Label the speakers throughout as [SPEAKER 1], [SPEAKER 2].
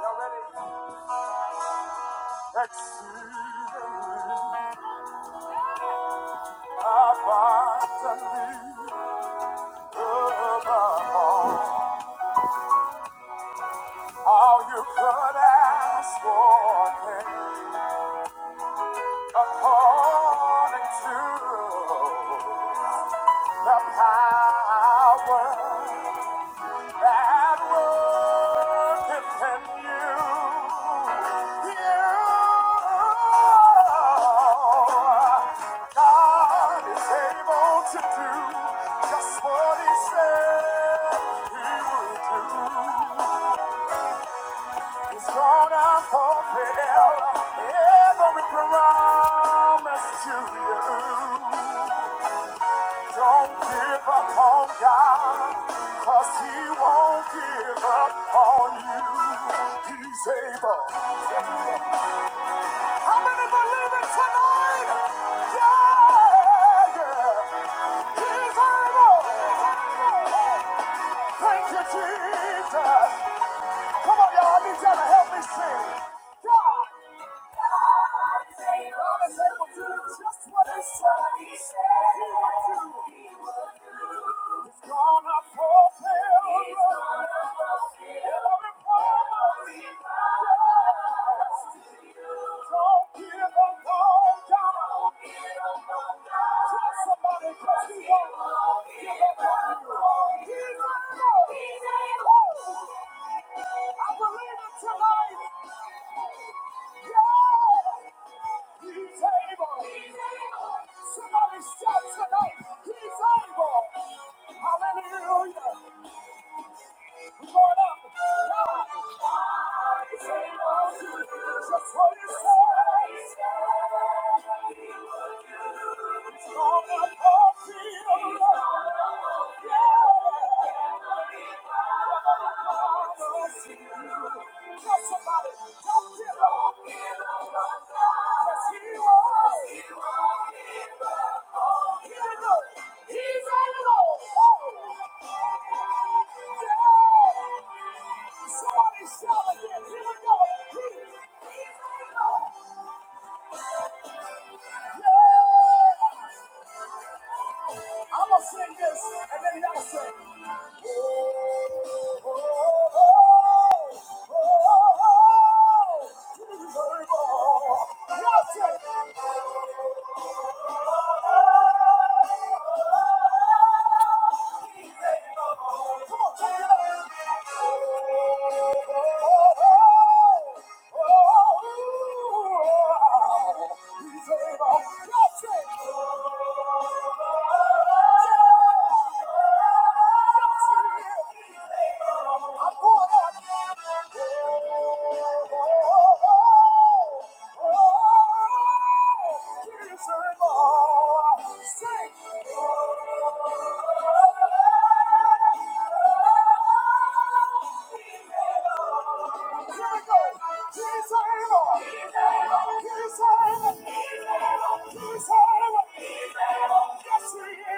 [SPEAKER 1] Y'all ready? Exceedingly, abundantly, above all you could ask for think, according to the power That worketh in You. God is able to do just what He said He would do. He's gonna fulfill every promise to you. Don't give up on God, cause he won't give up on you. He's able. How many believe it tonight? Yeah, yeah. He's able. Thank you, Jesus. Come on, y'all. I need y'all to help me sing. God. Somebody just Somebody shout tonight, he's able. Hallelujah. Yeah. Somebody, don't you know? Yes, he was. He was. He was. Oh, here we go. He's all alone. Yeah. Somebody shout again. Here we go. He- He's all alone. Yeah. I'm gonna sing this, and then y'all sing. Oh, oh, oh, oh, oh, Jesus, oh. Y'all sing. Come on, turn it up. Oh, oh, oh, oh, oh. oh oh He's oh Y'all sing. He's able. He's able. He's able. He's able. Yes, he is. He's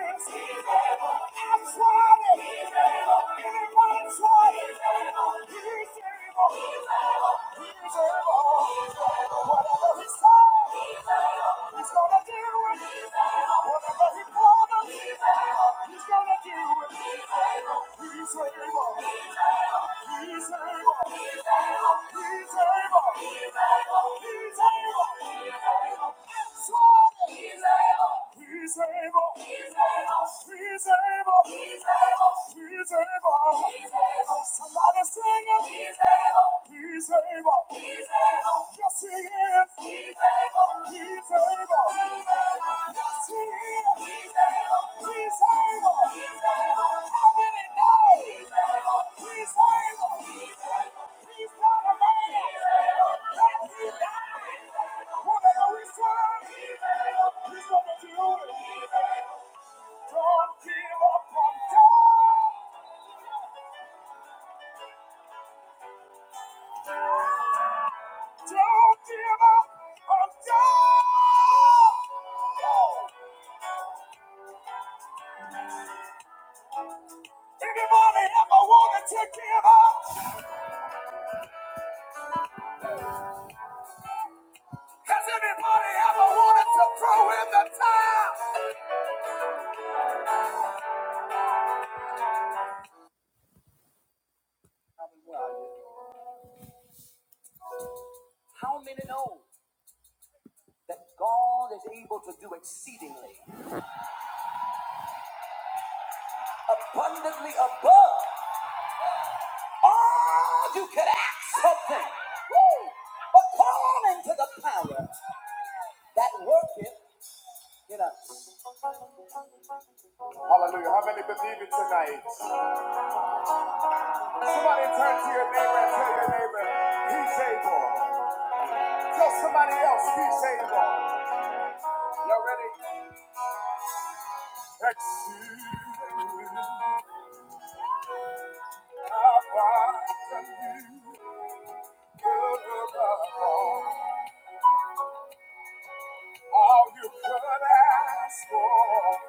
[SPEAKER 1] able. He's able. He's able. He's able. He's able. He's able. He's able. Somebody sing it. He's able. He's able. He's able. Yes, he is. He's able. He's able. He's able. Yes, he is. He's able. He's able. He's able. How many know? He's able. He's able. He's able. He's not a man. He's able. That he died. Whatever we serve, he's able. He's gonna do it. He's able. Don't give up on God. Don't give up on God. Oh. Anybody ever wanted to give up? Has anybody ever wanted to throw in the towel? Abundantly above all you could ask something. Woo! According to the power that worketh in us. Hallelujah. How many believe it tonight? Somebody turn to your neighbor and tell your neighbor, he's able. Tell somebody else, he's able. Y'all ready? Exceedingly abundantly above all you could ask for,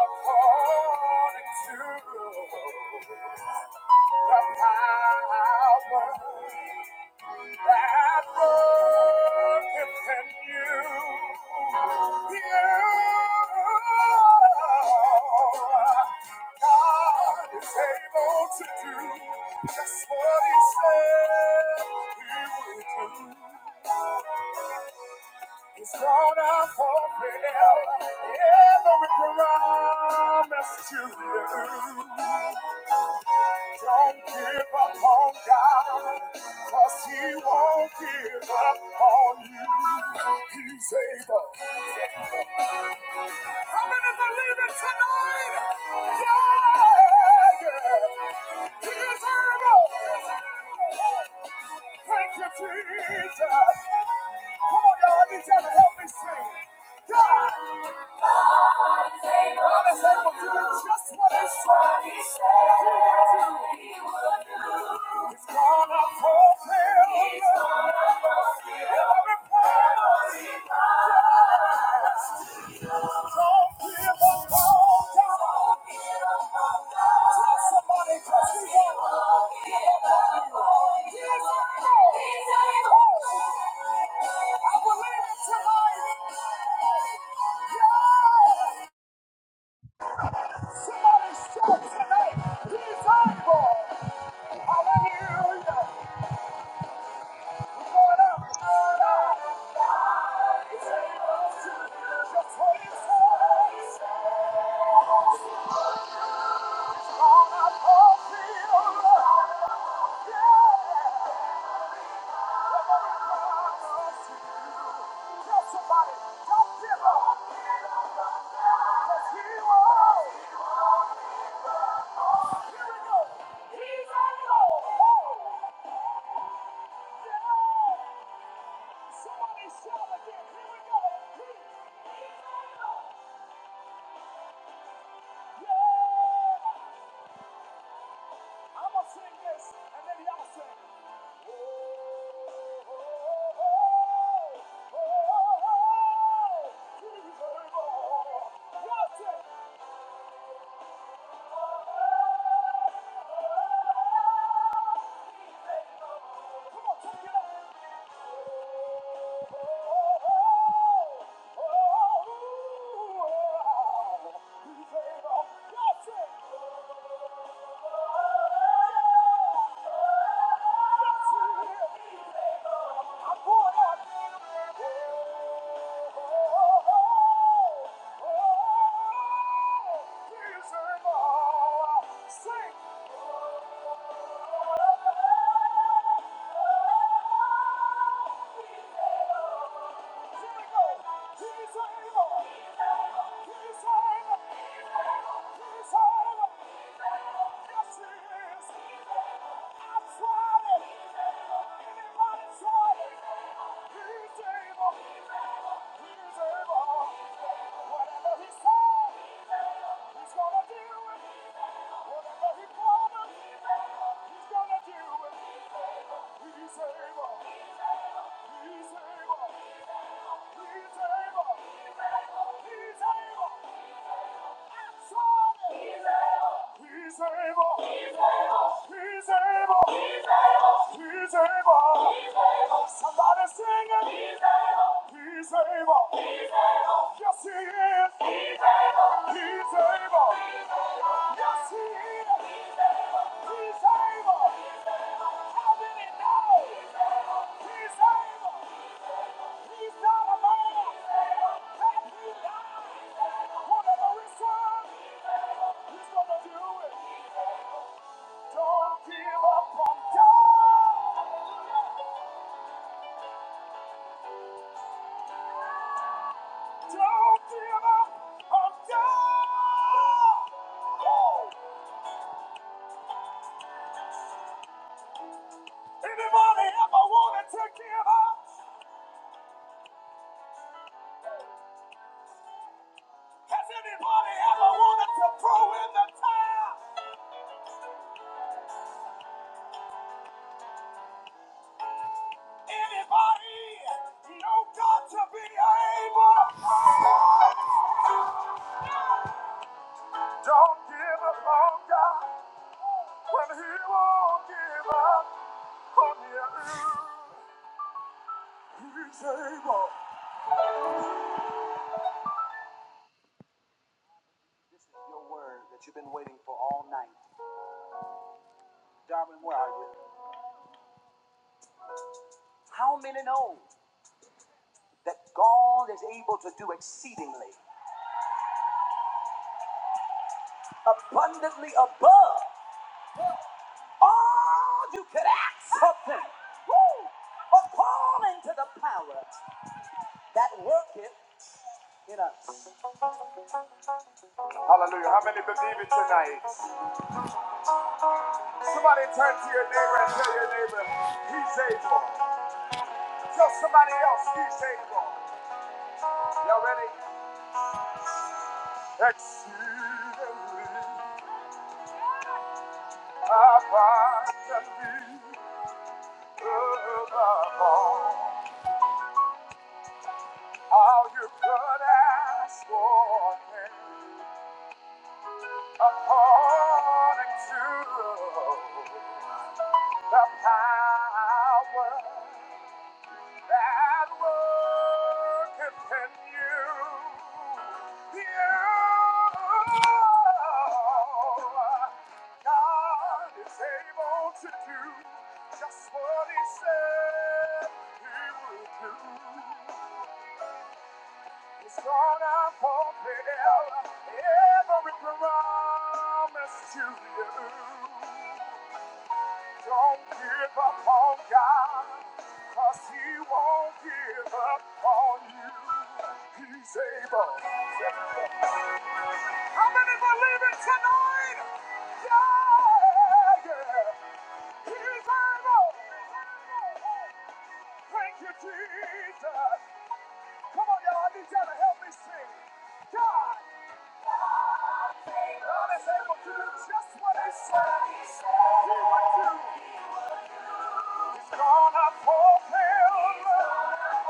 [SPEAKER 1] according to the power That work within you, God is able to do just what He said He would do. He's gonna fulfill every promise to you. Don't give up on God, cause he won't give up on you. He's able. How many believe it tonight? Yeah, yeah. He is able. Thank you, Jesus. Come on, y'all. I need y'all to help me sing. God. I believe it tonight. Yeah. Somebody shout tonight, he's able. Hallelujah. He's going up. He's able to just what he says. He's up all field. Yeah. Yeah! I'm gonna sing this, and then y'all sing. Oh! Sing! He's able. Whatever he said, he's gonna do it. Whatever he promised, he's gonna do it. He's able. He's able. He's able. He's able. Somebody. He's able. He's able. He's able. Somebody sing it. He's able. Yes, he is. He's able. Yes, he is. He's able. How did he know? Don't give up on God. Don't give up on God. Anybody ever wanted to give up? Has anybody ever wanted to throw in the towel? Anybody know God to be able? Don't give up on God when He won't give up on you. He's able. This is your word that you've been waiting for all night. Darwin, where are you? How many know that God is able to do exceedingly, abundantly above all you could ask something? Woo! According to the power that worketh in us. Hallelujah. How many believe it tonight? Somebody turn to your neighbor and tell your neighbor, he's able. Tell somebody else, he's able. Y'all ready? Exceedingly abundantly above all. All you could ask for can be according to the power That work in You. Yeah. God is able to do just what He said He would do. He's gonna fulfill every promise to you. Don't give up on God, cause He won't give up on you. He's able. How many believe it tonight? Yeah, yeah. He's able. Thank you, Jesus. Come on, y'all. I need y'all to help me sing. God, God is able to do just what He said He would do. He's gonna fulfill.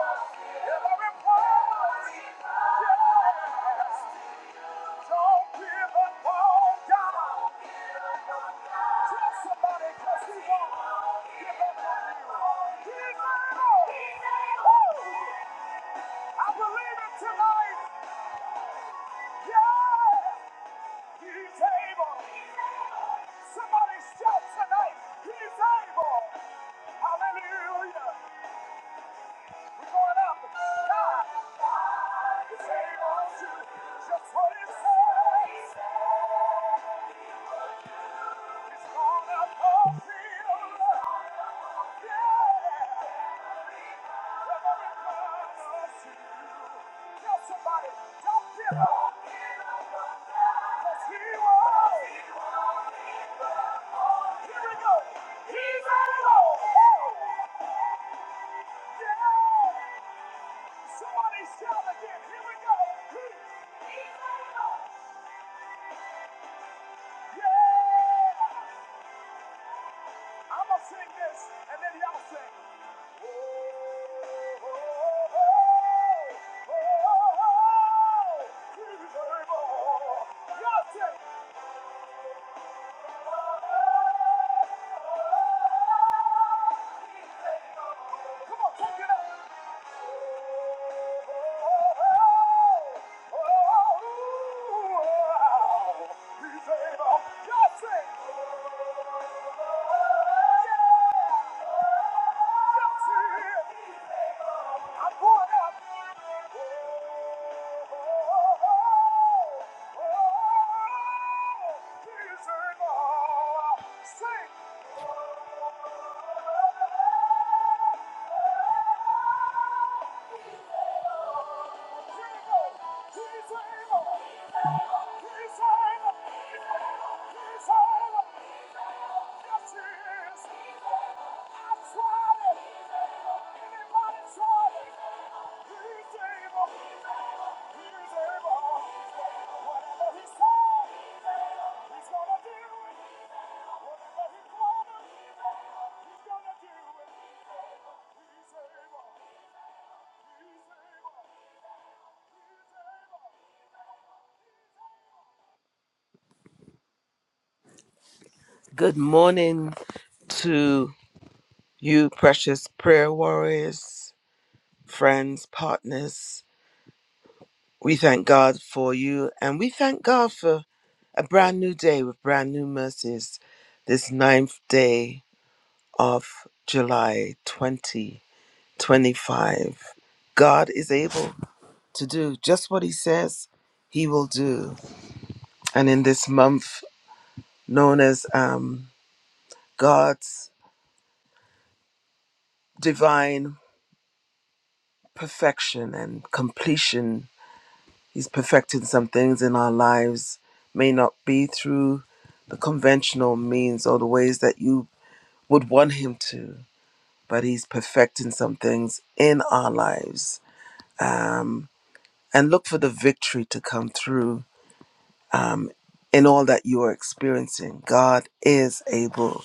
[SPEAKER 1] Somebody shout tonight, he's able. Hallelujah. going up. God, God is able to just what it says. He's gonna fulfill. Yeah. Every promise to you. Tell somebody, don't give up. 'Cause he will. Here we go. He's able. Yeah. Somebody shout again. Here we go. He- He's able. Yeah! I'ma sing this, and then y'all sing. Oh, oh, oh, oh, oh, Jesus, oh. Y'all sing. Come on, take it up. Sing! He's able. Whatever he said, he's gonna do it. Good morning to you, precious prayer warriors, friends, partners. We thank God for you and we thank God for a brand new day with brand new mercies. This ninth day of July 25. God is able to do just what He says He will do. And in this month, known as um, God's divine perfection and completion, He's perfecting some things in our lives, may not be through the conventional means or the ways that you would want Him to, but He's perfecting some things in our lives. Um, and look for the victory to come through in all that you are experiencing. God is able.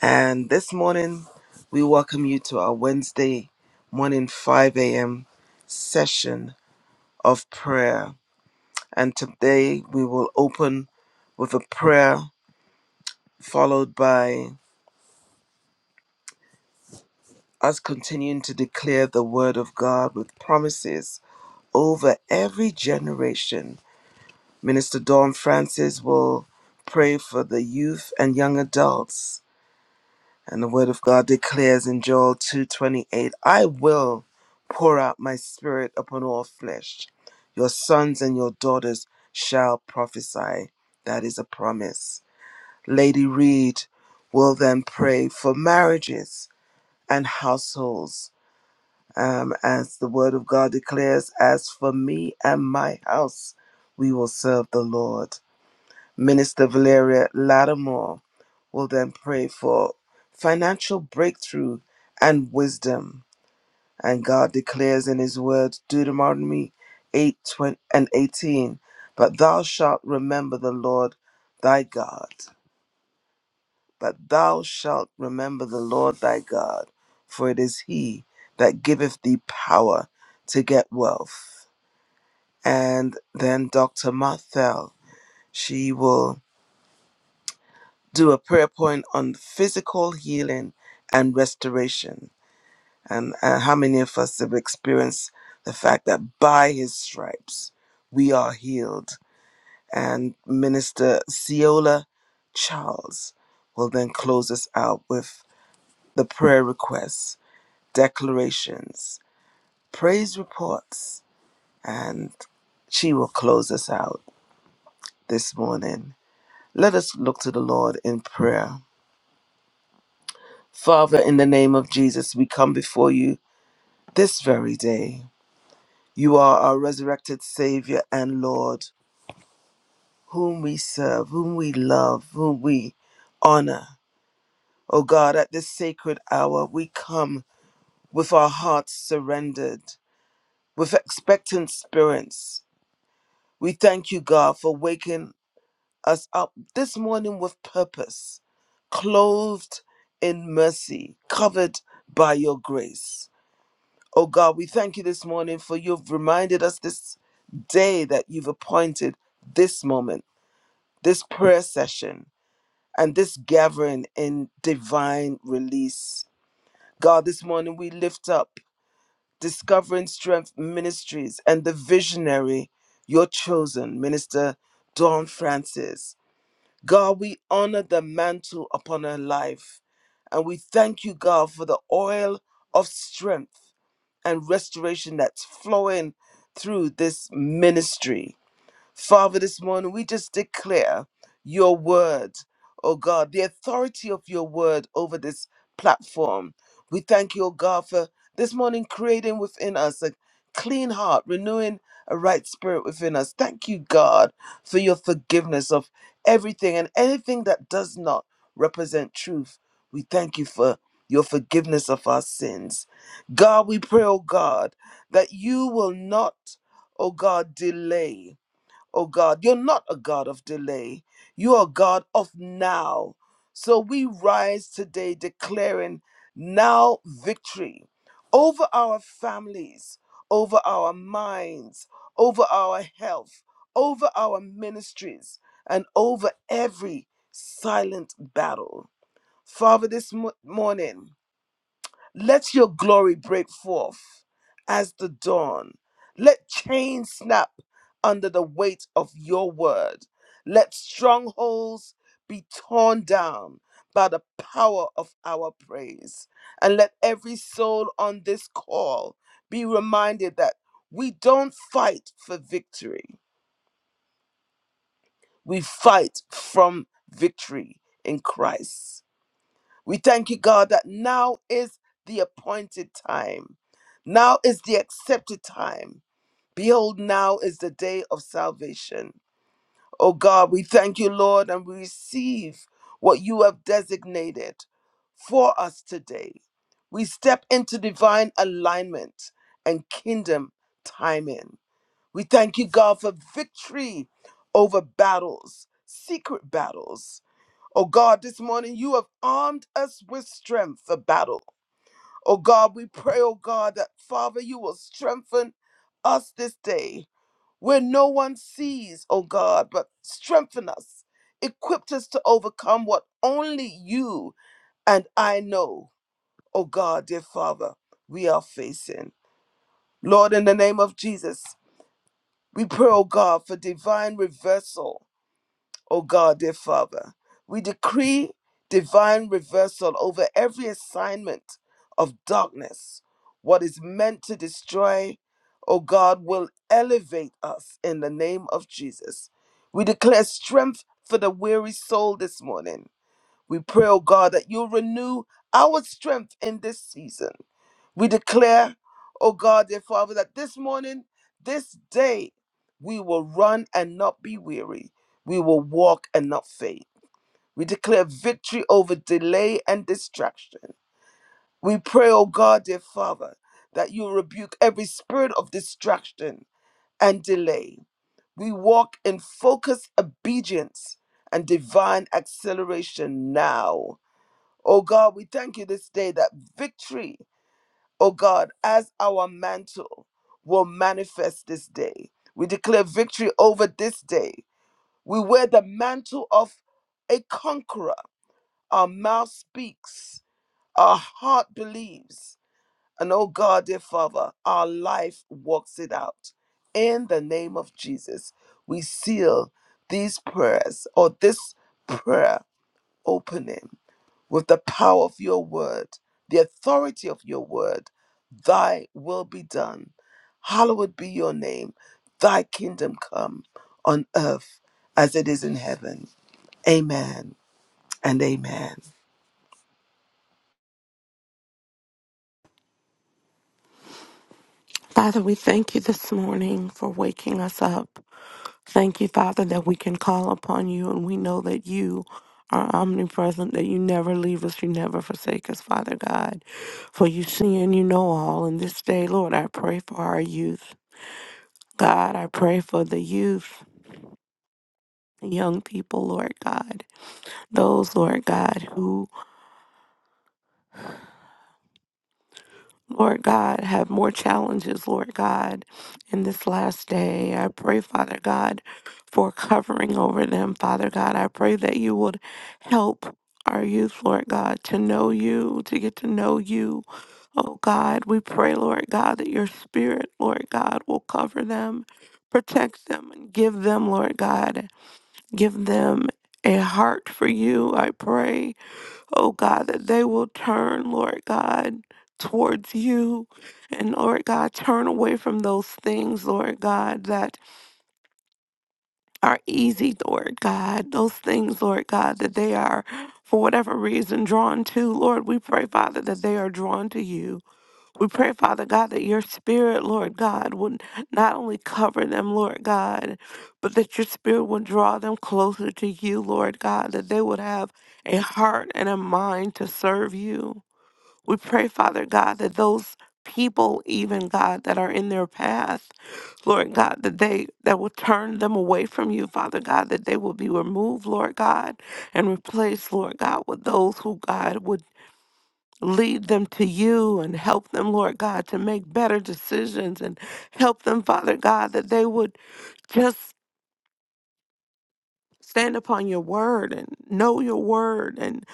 [SPEAKER 1] And this morning, we welcome you to our Wednesday morning 5 a.m. session of prayer. And today we will open with a prayer followed by us continuing to declare the word of God with promises over every generation. Minister Dawn Francis will pray for the youth and young adults And the word of God declares in Joel 2:28, I will pour out my spirit upon all flesh. Your sons and your daughters shall prophesy. That is a promise. Lady Reed will then pray for marriages and households. Um, as the word of God declares, as for me and my house, we will serve the Lord. Minister Valeria Lattimore We'll then pray for financial breakthrough and wisdom. And God declares in His word, Deuteronomy 8 20, and 18, But thou shalt remember the Lord thy God. But thou shalt remember the Lord thy God, for it is He that giveth thee power to get wealth. And then Dr. Marthel, she will do a prayer point on physical healing and restoration And, and how many of us have experienced the fact that by his stripes we are healed? And Minister Ciola Charles will then close us out with the prayer requests, declarations, praise reports, and she will close us out this morning. Let us look to the Lord in prayer. Father, in the name of Jesus, we come before you this very day. You are our resurrected Savior and Lord. whom we serve, whom we love, whom we honor. O God, at this sacred hour, we come with our hearts surrendered, with expectant spirits. We thank you, God, for waking us up this morning with purpose, clothed in mercy, covered by your grace. O God, we thank you this morning for you've reminded us this day that you've appointed this moment, this prayer session. and this gathering in divine release. God, this morning we lift up Discovering Strength Ministries and the visionary, your chosen, Minister Dawn Francis. God, we honor the mantle upon her life. And we thank you, God, for the oil of strength and restoration that's flowing through this ministry. Father, this morning we just declare your word, oh God, the authority of your word over this platform. We thank you, oh God, for this morning creating within us a clean heart, renewing a right spirit within us. Thank you, God, for your forgiveness of everything and anything that does not represent truth. We thank you for your forgiveness of our sins. God, we pray, oh God, that you will not, oh God, delay oh God. You're not a God of delay, you are a God of now. So we rise today declaring now victory over our families, over our minds, over our health, over our ministries, and over every silent battle. Father, this mo- morning, let your glory break forth as the dawn. Let chains snap under the weight of your word. Let strongholds be torn down by the power of our praise. And let every soul on this call be reminded that we don't fight for victory, we fight from victory in Christ. We thank you, God, that now is the appointed time. Now is the accepted time. Behold, now is the day of salvation. Oh God, we thank you, Lord, and we receive what you have designated for us today. We step into divine alignment and kingdom timing. We thank you, God, for victory over battles, secret battles. Oh God, this morning you have armed us with strength for battle. Oh God, we pray, oh God, that Father, you will strengthen us this day where no one sees, oh God, but strengthen us, equip us to overcome what only you and I know, oh God, dear Father, we are facing. Lord, in the name of Jesus, we pray, oh God, for divine reversal O God, dear Father. We decree divine reversal over every assignment of darkness. What is meant to destroy, O God, will elevate us in the name of Jesus. We declare strength for the weary soul this morning. We pray, O God, that you renew our strength in this season. We declare, oh God, dear Father, that this morning, this day, we will run and not be weary. We will walk and not faint. We declare victory over delay and distraction. We pray, oh God, dear Father, that you rebuke every spirit of distraction and delay. We walk in focused obedience and divine acceleration now. Oh God, we thank you this day that victory O God, as our mantle will manifest this day. We declare victory over this day. We wear the mantle of a conqueror. Our mouth speaks, our heart believes, and oh God, dear Father, our life walks it out. In the name of Jesus, we seal these prayers or this prayer opening with the power of your word, the authority of your word. Thy will be done. Hallowed be your name. Thy kingdom come on earth as it is in heaven. Amen and amen.
[SPEAKER 2] Father, we thank you this morning for waking us up. Thank you, Father, that we can call upon you and we know that you are omnipresent, that you never leave us, you never forsake us, Father God. For you see and you know all. And this day, Lord, I pray for our youth. God, I pray for the youth, young people, Lord God. Those, Lord God, who Lord God, have more challenges, Lord God, in this last day. I pray, Father God, for covering over them, Father God. I pray that you would help our youth, Lord God, to know you, to get to know you. Oh God, we pray, Lord God, that your spirit, Lord God, will cover them, protect them, and give them, Lord God, give them a heart for you, I pray oh God, that they will turn, Lord God, towards you. And Lord God, turn away from those things, Lord God, that are easy, Lord God. Those things, Lord God, that they are, for whatever reason, drawn to. Lord, we pray, Father, that they are drawn to you. We pray, Father God, that your spirit, Lord God, would not only cover them, Lord God, but that your spirit would draw them closer to you, Lord God, that they would have a heart and a mind to serve you. We pray, Father God, that those people, even God, that are in their path, Lord God, that they that will turn them away from you, Father God, that they will be removed, Lord God, and replaced, Lord God, with those who God would lead them to you and help them, Lord God, to make better decisions and help them, Father God, that they would just stand upon your word and know your word and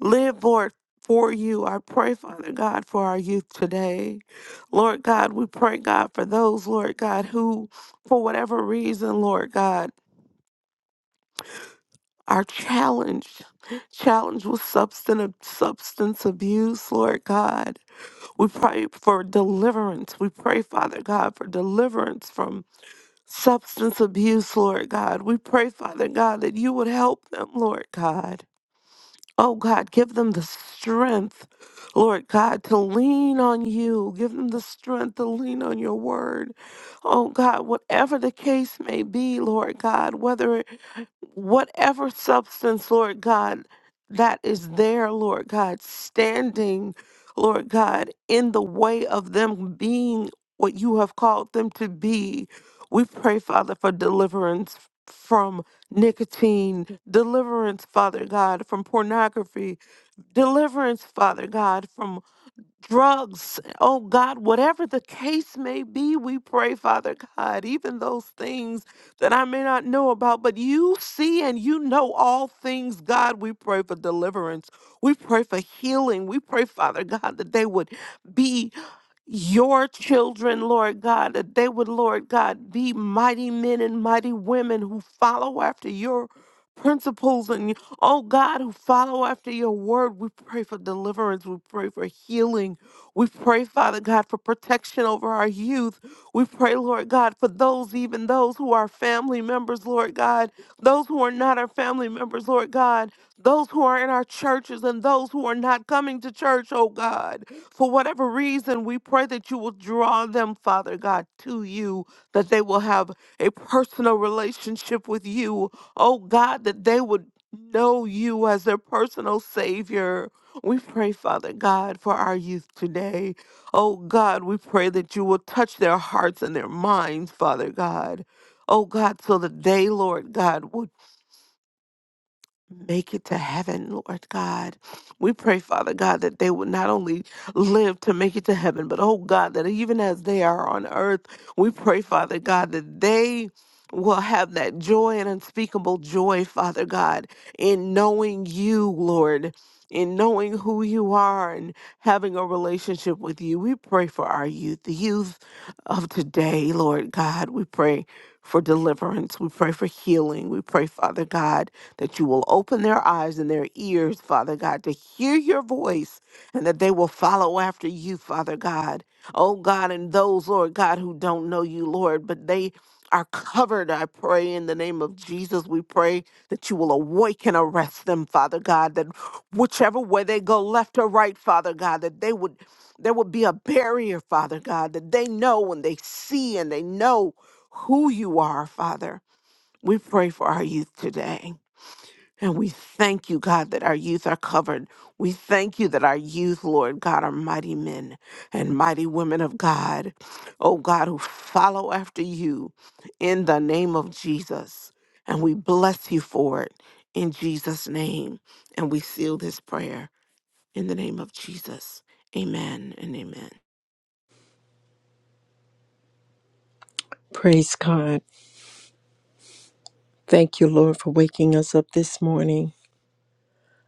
[SPEAKER 2] live for it for you. I pray, Father God, for our youth today. Lord God, we pray, God, for those, Lord God, who, for whatever reason, Lord God, are challenged, challenged with substance, substance abuse, Lord God. We pray for deliverance. We pray, Father God, for deliverance from substance abuse, Lord God. We pray, Father God, that you would help them, Lord God. Oh God, give them the strength, Lord God, to lean on you. Give them the strength to lean on your word. Oh God, whatever the case may be, Lord God, whether whatever substance, Lord God, that is there, Lord God, standing, Lord God, in the way of them being what you have called them to be. We pray, Father, for deliverance from nicotine, deliverance, Father God, from pornography, deliverance, Father God, from drugs. Oh God, whatever the case may be, we pray, Father God, even those things that I may not know about, but you see and you know all things, God. We pray for deliverance. We pray for healing. We pray, Father God, that they would be your children, Lord God, that they would, Lord God, be mighty men and mighty women who follow after your principles and, oh God, who follow after your word. We pray for deliverance. We pray for healing. We pray, Father God, for protection over our youth. We pray, Lord God, for those, even those who are family members, Lord God, those who are not our family members, Lord God, those who are in our churches and those who are not coming to church, oh God. For whatever reason, we pray that you will draw them, Father God, to you, that they will have a personal relationship with you. Oh God, that they would know you as their personal Savior. We pray, Father God, for our youth today. Oh God, we pray that you will touch their hearts and their minds, Father God. Oh God, so that they, Lord God, will Mhm. Make it to heaven, Lord God. We pray, Father God, that they would not only live to make it to heaven, but oh God, that even as they are on earth, we pray, Father God, that they will have that joy and unspeakable joy, Father God, in knowing you, Lord, in knowing who you are and having a relationship with you. We pray for our youth, the youth of today, Lord God. We pray for deliverance. We pray for healing. We pray, Father God that you will open their eyes and their ears, Father God, to hear your voice and that they will follow after you, Father God. Oh God, and those, Lord God, who don't know you, Lord, but they are covered, I pray, in the name of Jesus. We pray that you will awaken, arrest them, Father God, that whichever way they go, left or right, Father God, that they would there would be a barrier, Father God, that they know and they see and they know who you are, Father. We pray for our youth today. And we thank you, God, that our youth are covered. We thank you that our youth, Lord God, are mighty men and mighty women of God, oh God, who follow after you in the name of Jesus. And we bless you for it in Jesus' name. And we seal this prayer in the name of Jesus. Amen and amen.
[SPEAKER 3] Praise God. Thank you, Lord, for waking us up this morning.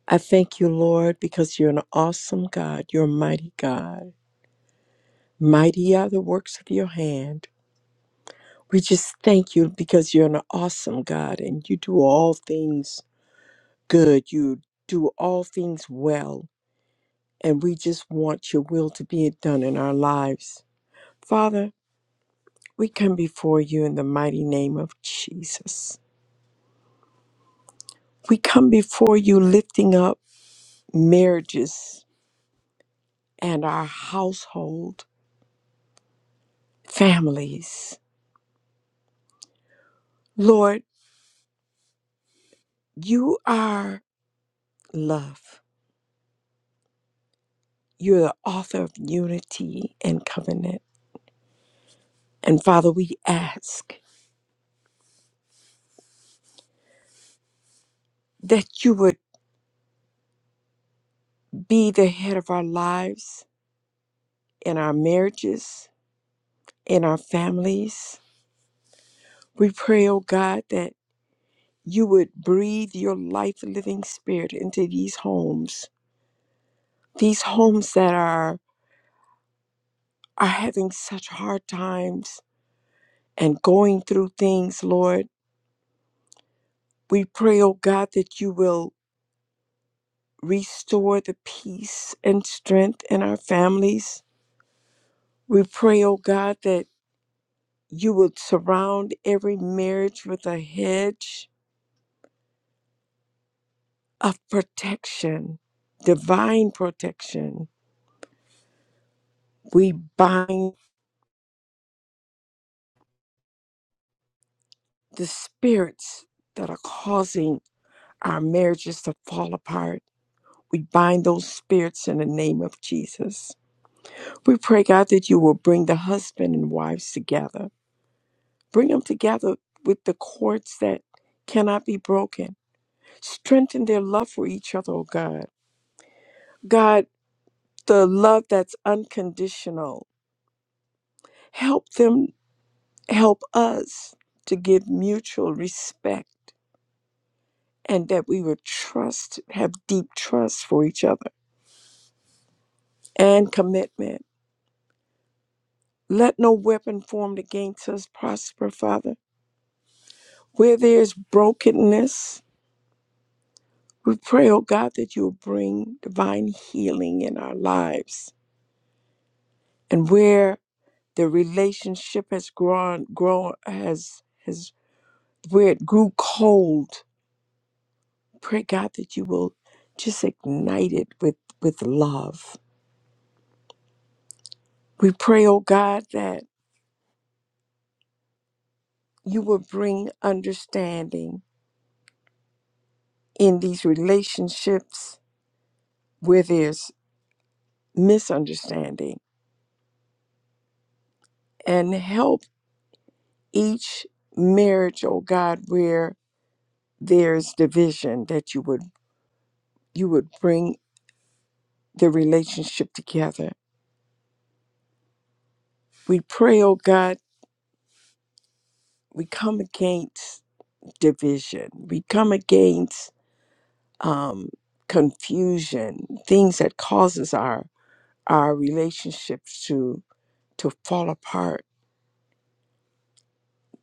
[SPEAKER 3] I thank you, Lord, because you're an awesome God. You're a mighty God. Mighty are the works of your hand. We just thank you because you're an awesome God and you do all things good. You do all things well. And we just want your will to be done in our lives. Father, we come before you in the mighty name of Jesus. We come before you lifting up marriages and our household families. Lord, you are love. You're the author of unity and covenant. And Father, we ask that you would be the head of our lives, in our marriages, in our families. We pray, oh God, that you would breathe your life living spirit into these homes, these homes that are, are having such hard times and going through things, Lord We pray, oh God, that you will restore the peace and strength in our families. We pray, oh God, that you will surround every marriage with a hedge of protection, divine protection. We bind the spirits that are causing our marriages to fall apart. We bind those spirits in the name of Jesus. We pray, God, that you will bring the husband and wives together Bring them together with the cords that cannot be broken. Strengthen their love for each other, oh God. God, the love that's unconditional. Help them, help us to give mutual respect and that we would trust, have deep trust for each other and commitment. Let no weapon formed against us prosper, Father. Where there's brokenness, we pray, oh God, that you'll bring divine healing in our lives and where the relationship has grown grown has has where it grew cold pray god that you will just ignite it with with love we pray oh god that you will bring understanding in these relationships where there's misunderstanding and help each marriage oh god where there's division that you would you would bring the relationship together We pray, oh God, we come against division. We come against um, confusion, things that causes our our relationships to to fall apart,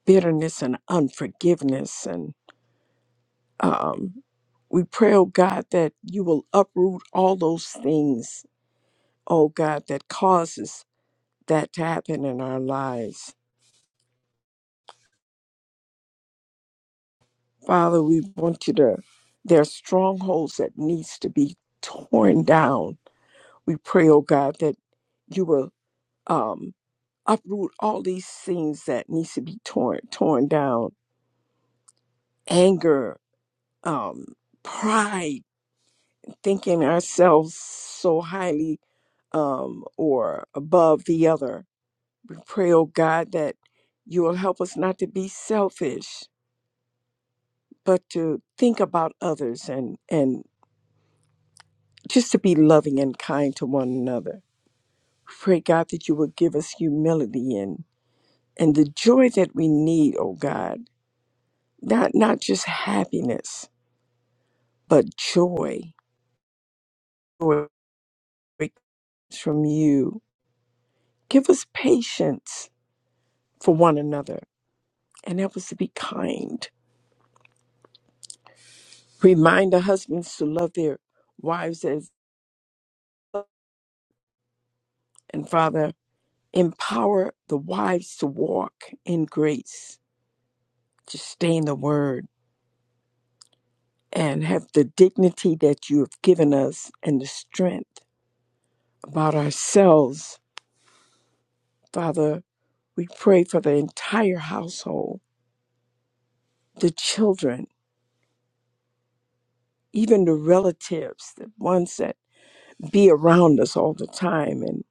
[SPEAKER 3] bitterness and unforgiveness, and um, we pray, oh God, that you will uproot all those things, oh God, that causes that to happen in our lives. Father, we want you to. There are strongholds that needs to be torn down We pray, oh God, that you will um, uproot all these things that needs to be torn torn down. Anger, um, pride, thinking ourselves so highly um, or above the other. We pray, oh God, that you will help us not to be selfish, but to think about others and and just to be loving and kind to one another. Pray, God, that you will give us humility and and the joy that we need, oh God not not just happiness, but joy. Joy comes from you. Give us patience for one another and help us to be kind. Remind the husbands to love their wives as and Father, empower the wives to walk in grace, to stay in the word, and have the dignity that you have given us and the strength about ourselves. Father, we pray for the entire household the children, even the relatives, the ones that be around us all the time, and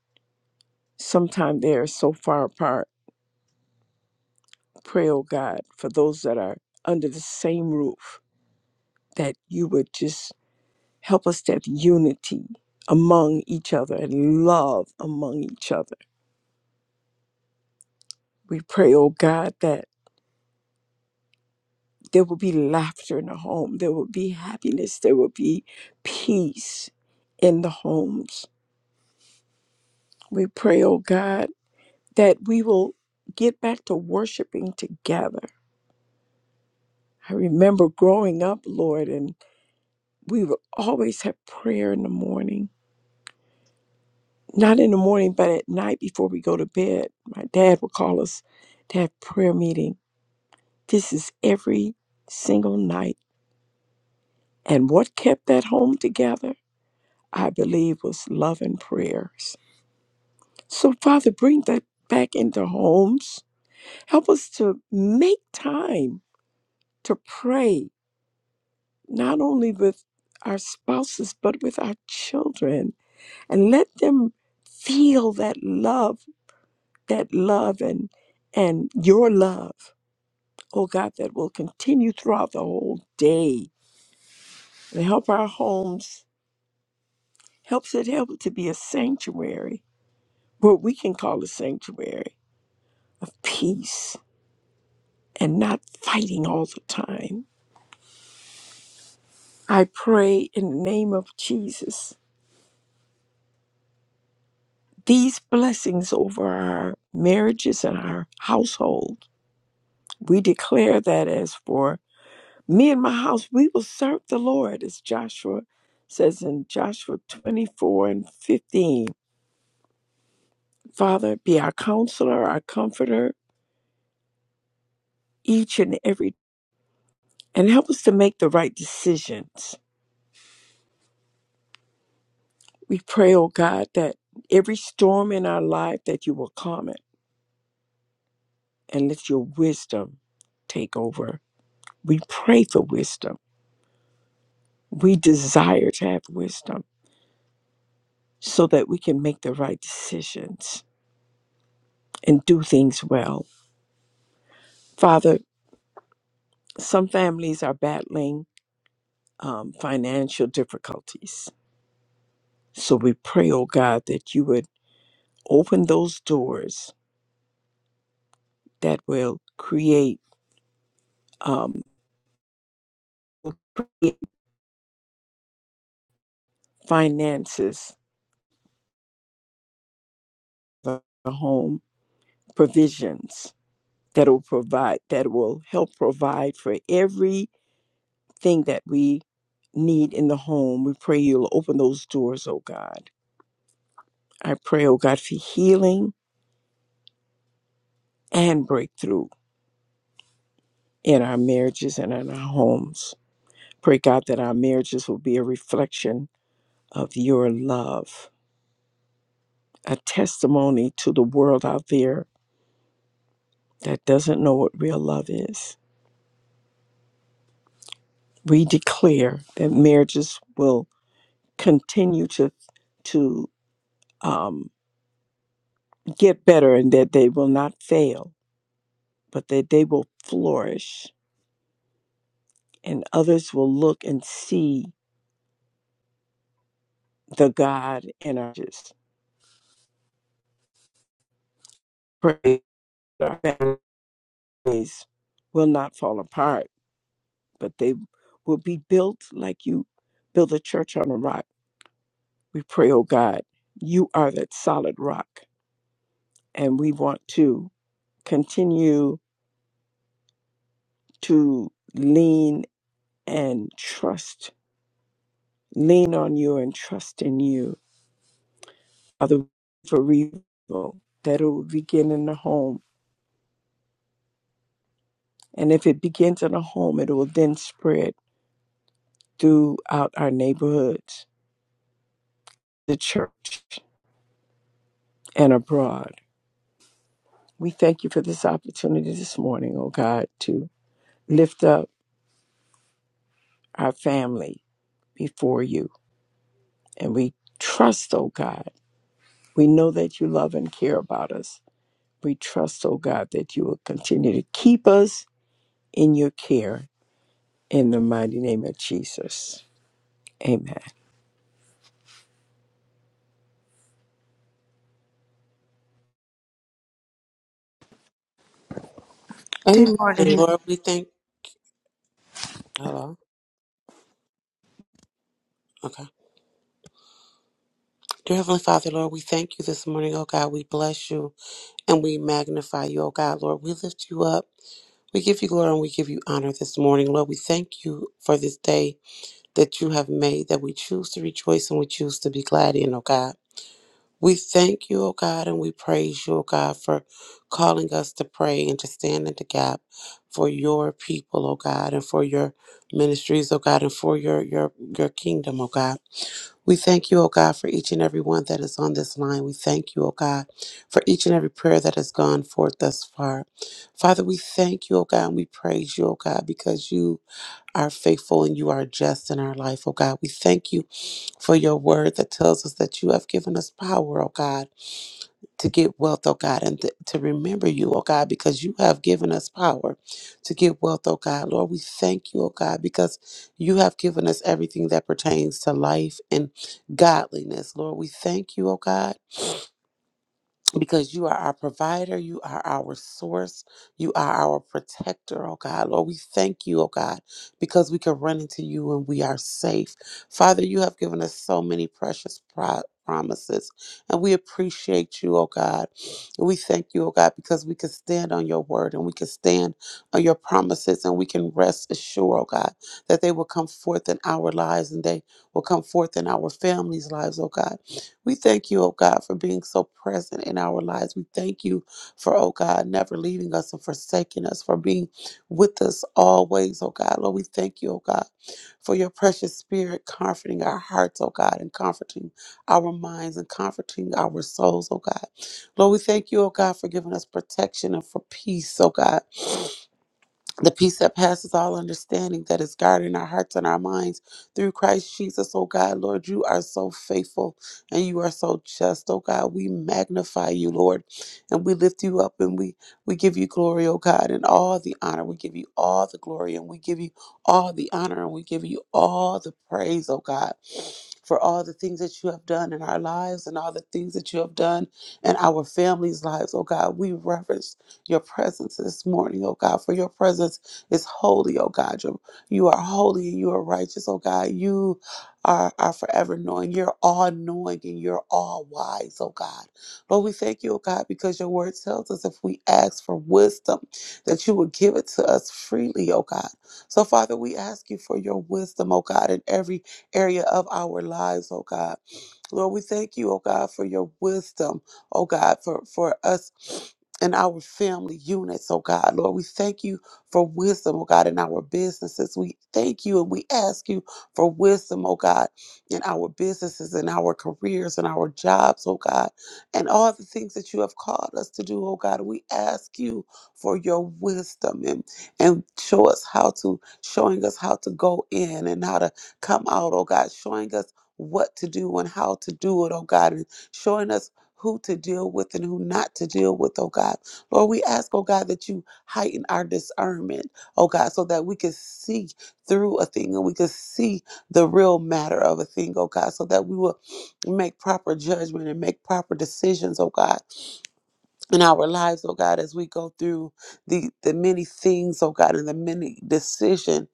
[SPEAKER 3] sometimes they are so far apart. Pray, oh God, for those that are under the same roof, that you would just help us to have unity among each other and love among each other. We pray, oh God, that there will be laughter in the home, there will be happiness, there will be peace in the homes. We pray, oh God that we will get back to worshiping together. I remember growing up, Lord, and we would always have prayer in the morning. Not in the morning, but at night before we go to bed. My dad would call us to have prayer meeting. This is every single night. And what kept that home together, I believe, was love and prayers. So, Father, bring that back into homes. Help us to make time to pray not only with our spouses, but with our children, and let them feel that love, that love, and and your love, oh God, that will continue throughout the whole day, and help our homes, helps it help it to be a sanctuary, what we can call a sanctuary of peace and not fighting all the time. I pray in the name of Jesus these blessings over our marriages and our household. We declare that as for me and my house, we will serve the Lord, as Joshua says in Joshua 24 and 15. Father, be our counselor, our comforter, each and every, and help us to make the right decisions. We pray, oh God, that every storm in our life that you will calm it and let your wisdom take over. We pray for wisdom We desire to have wisdom so that we can make the right decisions and do things well. Father, some families are battling um, financial difficulties. So we pray, oh God, that you would open those doors that will create, um, create finances, for the home provisions that will provide, that will help provide for every thing that we need in the home. We pray you'll open those doors, oh God. I pray, oh God, for healing and breakthrough in our marriages and in our homes. Pray, God, that our marriages will be a reflection of your love, a testimony to the world out there that doesn't know what real love is. We declare that marriages will continue to to um, get better and that they will not fail, but that they will flourish and others will look and see the God in our churches. Pray that our families will not fall apart, but they will be built like you build a church on a rock. We pray, oh God, you are that solid rock, and we want to continue to lean and trust, lean on you and trust in you. Father, for revival that it will begin in the home And if it begins in a home, it will then spread throughout our neighborhoods, the church, and abroad. We thank you for this opportunity this morning, oh God, to lift up our family before you. And we trust, oh God, we know that you love and care about us. We trust, oh God, that you will continue to keep us in your care. In the mighty name of Jesus. Amen.
[SPEAKER 4] Dear
[SPEAKER 5] Amen.
[SPEAKER 4] Lord, in the
[SPEAKER 5] Lord, we thank Hello. Okay. Dear Heavenly Father, Lord, we thank you this morning, oh God. We bless you and we magnify you, oh God. Lord, we lift you up. We give you glory and we give you honor this morning. Lord, we thank you for this day that you have made, that we choose to rejoice and we choose to be glad in, oh God. We thank you, oh God, and we praise you, oh God, for calling us to pray and to stand in the gap for your people, oh God, and for your ministries, oh God, and for your your your kingdom, oh God. We thank you, O God, for each and every one that is on this line. We thank you, O God, for each and every prayer that has gone forth thus far. Father, we thank you, O God, and we praise you, O God, because you are faithful and you are just in our life, O God. We thank you for your word that tells us that you have given us power, O God to get wealth, oh God, and th- to remember you, oh God, because you have given us power to get wealth, oh God. Lord, we thank you, oh God, because you have given us everything that pertains to life and godliness. Lord, we thank you, oh God because you are our provider, you are our source, you are our protector, oh God. Lord, we thank you, oh God, because we can run into you and we are safe. Father, you have given us so many precious pro- promises, and we appreciate you, oh God. We thank you, oh God, because we can stand on your word and we can stand on your promises and we can rest assured, oh God, that they will come forth in our lives and they will come forth in our families' lives, oh God. We thank you, oh God, for being so present in our lives. We thank you for, oh God, never leaving us and forsaking us, for being with us always, oh God. Lord, we thank you, oh God, for your precious spirit comforting our hearts, oh God, and comforting our minds and comforting our souls, oh God. Lord, we thank you, oh God, for giving us protection and for peace, oh God the peace that passes all understanding that is guarding our hearts and our minds through Christ Jesus, oh God, Lord, you are so faithful and you are so just, oh God. We magnify you, Lord, and we lift you up and we we give you glory, oh God, and all the honor. We give you all the glory and we give you all the honor and we give you all the praise, oh God. For all the things that you have done in our lives and all the things that you have done in our families' lives, oh God, we reverence your presence this morning, oh God, for your presence is holy, oh God. Your- You are holy and you are righteous, oh God. You are, are forever knowing. You're all knowing and you're all wise, oh God. Lord, we thank you, oh God, because your word tells us if we ask for wisdom, that you would give it to us freely, oh God. So, Father, we ask you for your wisdom, oh God, in every area of our lives, oh God. Lord, we thank you, oh God, for your wisdom, oh God, for, for us. In our family units, oh God. Lord, we thank you for wisdom, oh God, in our businesses. We thank you and we ask you for wisdom, oh God, in our businesses, in our careers, in our jobs, oh God, and all the things that you have called us to do, oh God. We ask you for your wisdom and, and show us how to, showing us how to go in and how to come out, oh God, showing us what to do and how to do it, oh God, and showing us who to deal with and who not to deal with, oh God. Lord, we ask, oh God, that you heighten our discernment, oh God, so that we can see through a thing and we can see the real matter of a thing, oh God, so that we will make proper judgment and make proper decisions, oh God in our lives, oh God, as we go through the the many things, oh God, and the many decisions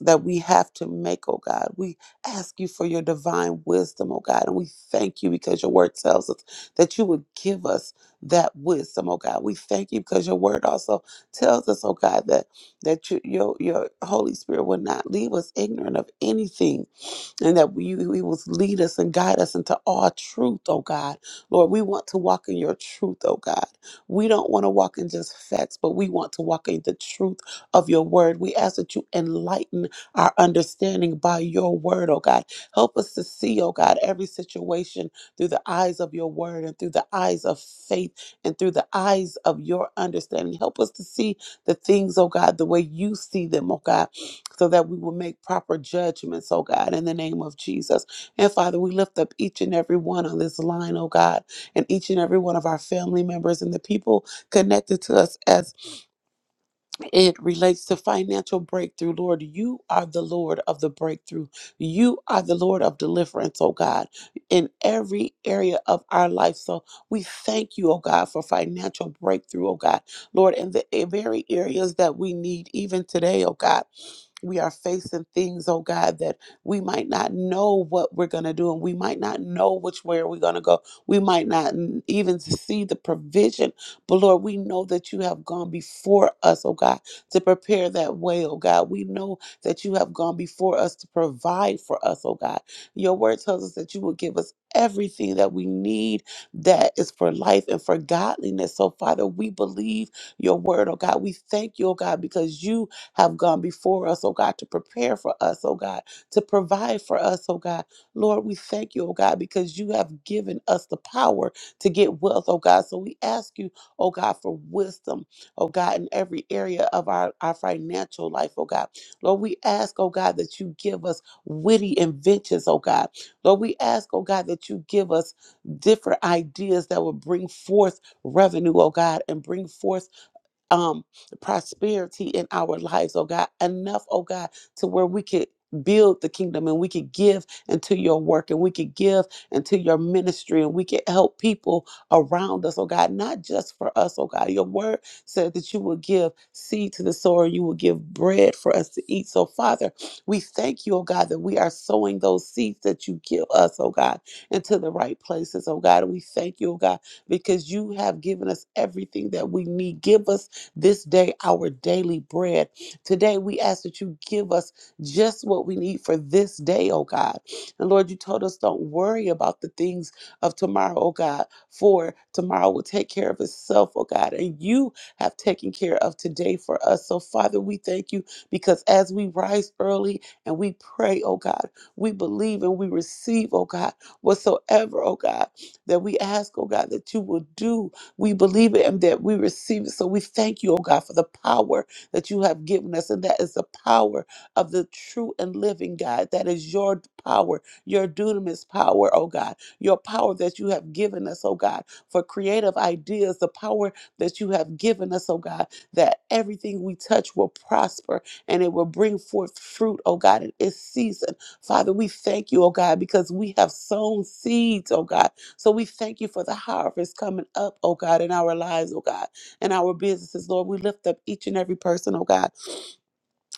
[SPEAKER 5] that we have to make, oh God. We ask you for your divine wisdom, oh God, and we thank you because your word tells us that you would give us that wisdom, oh God. We thank you because your word also tells us, oh God, that that you, your your Holy Spirit will not leave us ignorant of anything and that we, we will lead us and guide us into all truth, oh God. Lord, we want to walk in your truth, oh God. We don't want to walk in just facts, but we want to walk in the truth of your word. We ask that you enlighten our understanding by your word, oh God. Help us to see, oh God, every situation through the eyes of your word and through the eyes of faith and through the eyes of your understanding. Help us to see the things, oh God, the way you see them, oh God so that we will make proper judgments, oh God, in the name of Jesus. And Father, we lift up each and every one on this line, oh God, and each and every one of our family members and the people connected to us as it relates to financial breakthrough. Lord, you are the Lord of the breakthrough. You are the Lord of deliverance, oh God, in every area of our life. So we thank you, oh God, for financial breakthrough, oh God. Lord, in the eh, very areas that we need even today, oh God we are facing things, oh God, that we might not know what we're going to do and we might not know which way we're going to go. We might not n- even see the provision. But Lord, we know that you have gone before us, oh God, to prepare that way, oh God. We know that you have gone before us to provide for us, oh God. Your word tells us that you will give us everything that we need that is for life and for godliness. So, Father, we believe your word, oh God. We thank you, oh God, because you have gone before us, oh God, to prepare for us, oh God, to provide for us, oh God. Lord, we thank you, oh God, because you have given us the power to get wealth, oh God. So we ask you, oh God, for wisdom, oh God, in every area of our, our financial life, oh God. Lord, we ask, oh God, that you give us witty inventions, oh God. Lord, we ask, oh God, that you give us different ideas that will bring forth revenue, oh God, and bring forth um prosperity in our lives, oh God. Enough, oh God, to where we could build the kingdom and we could give into your work and we could give into your ministry and we could help people around us, oh God, not just for us, oh God. Your word said that you will give seed to the sower, you will give bread for us to eat. So, Father, we thank you, oh God, that we are sowing those seeds that you give us, oh God, into the right places, oh God. And we thank you, oh God, because you have given us everything that we need. Give us this day our daily bread. Today, we ask that you give us just what we need for this day, oh God. And Lord, you told us don't worry about the things of tomorrow, oh God, for tomorrow will take care of itself, oh God. And you have taken care of today for us. So, Father, we thank you because as we rise early and we pray, oh God, we believe and we receive, oh God, whatsoever, oh God, that we ask, oh God, that you will do we believe it and that we receive it. So we thank you, oh God, for the power that you have given us. And that is the power of the true and living God. That is your power, your dunamis power, oh God. Your power that you have given us, oh God, for creative ideas, the power that you have given us, oh God, that everything we touch will prosper and it will bring forth fruit, oh God, in its season. Father, we thank you, oh God, because we have sown seeds, oh God so we thank you for the harvest coming up, oh God, in our lives, oh God, in our businesses, Lord. We lift up each and every person, oh God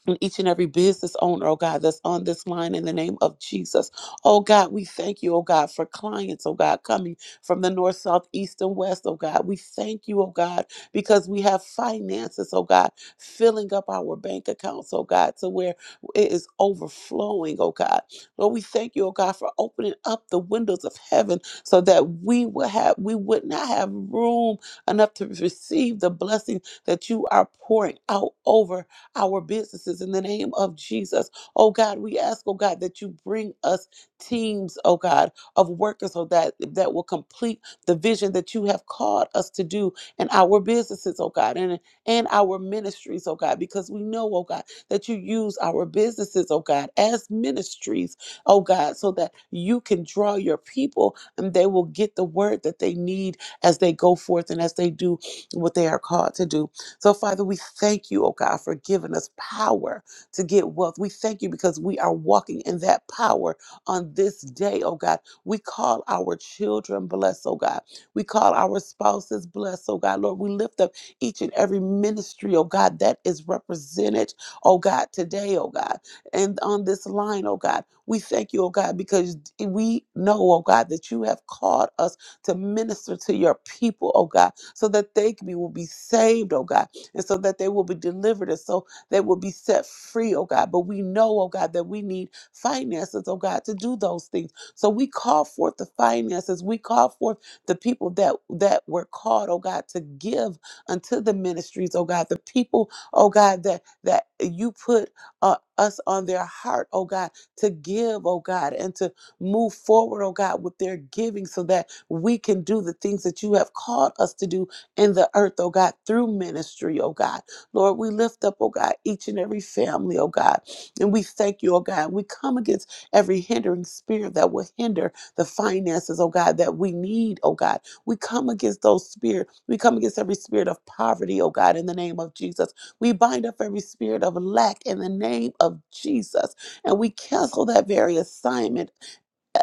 [SPEAKER 5] and each and every business owner, oh God, that's on this line in the name of Jesus. Oh God, we thank you, oh God, for clients, oh God, coming from the north, south, east, and west, oh God. We thank you, oh God, because we have finances, oh God, filling up our bank accounts, oh God, to where it is overflowing, oh God. Lord, we thank you, oh God, for opening up the windows of heaven so that we will have we would not have room enough to receive the blessing that you are pouring out over our businesses in the name of Jesus. Oh God, we ask, oh God, that you bring us teams, oh God, of workers, oh that that will complete the vision that you have called us to do in our businesses, oh God, and and our ministries, oh God, because we know, oh God, that you use our businesses, oh God, as ministries, oh God, so that you can draw your people and they will get the word that they need as they go forth and as they do what they are called to do. So, Father, we thank you, oh God, for giving us power to get wealth. We thank you because we are walking in that power on this day, oh God. We call our children blessed, oh God. We call our spouses blessed, oh God. Lord, we lift up each and every ministry, oh God, that is represented, oh God, today, oh God. And on this line, oh God, we thank you, oh God, because we know, oh God, that you have called us to minister to your people, oh God, so that they can be, will be saved, oh God and so that they will be delivered and so they will be set free, oh God. But we know, oh God, that we need finances, oh God, to do those things. So we call forth the finances. We call forth the people that that were called, oh God, to give unto the ministries, oh God, the people, oh God, that that you put uh, us on their heart, oh God, to give, oh God, and to move forward, oh God, with their giving so that we can do the things that you have called us to do in the earth, oh God, through ministry, oh God. Lord, we lift up, oh God, each and every family, oh God. And we thank you, oh God. We come against every hindering spirit that will hinder the finances, oh God, that we need, oh God. We come against those spirit. We come against every spirit of poverty, oh God, in the name of Jesus. We bind up every spirit of lack in the name of Jesus. And we cancel that very assignment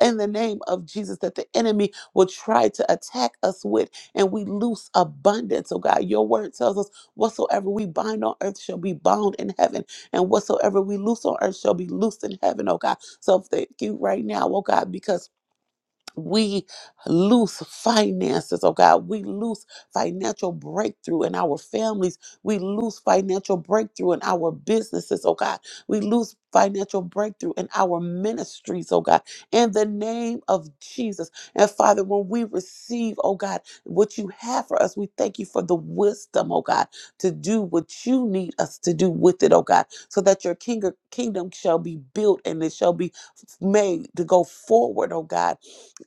[SPEAKER 5] in the name of Jesus that the enemy will try to attack us with, and we loose abundance. Oh God, your word tells us whatsoever we bind on earth shall be bound in heaven, and whatsoever we loose on earth shall be loosed in heaven, oh God. So thank you right now, oh God, because we lose finances, oh God. We lose financial breakthrough in our families. We lose financial breakthrough in our businesses, oh God. We lose financial breakthrough in our ministries, oh God. In the name of Jesus. And Father, when we receive, oh God, what you have for us, we thank you for the wisdom, oh God, to do what you need us to do with it, oh God, so that your king- kingdom shall be built and it shall be made to go forward, oh God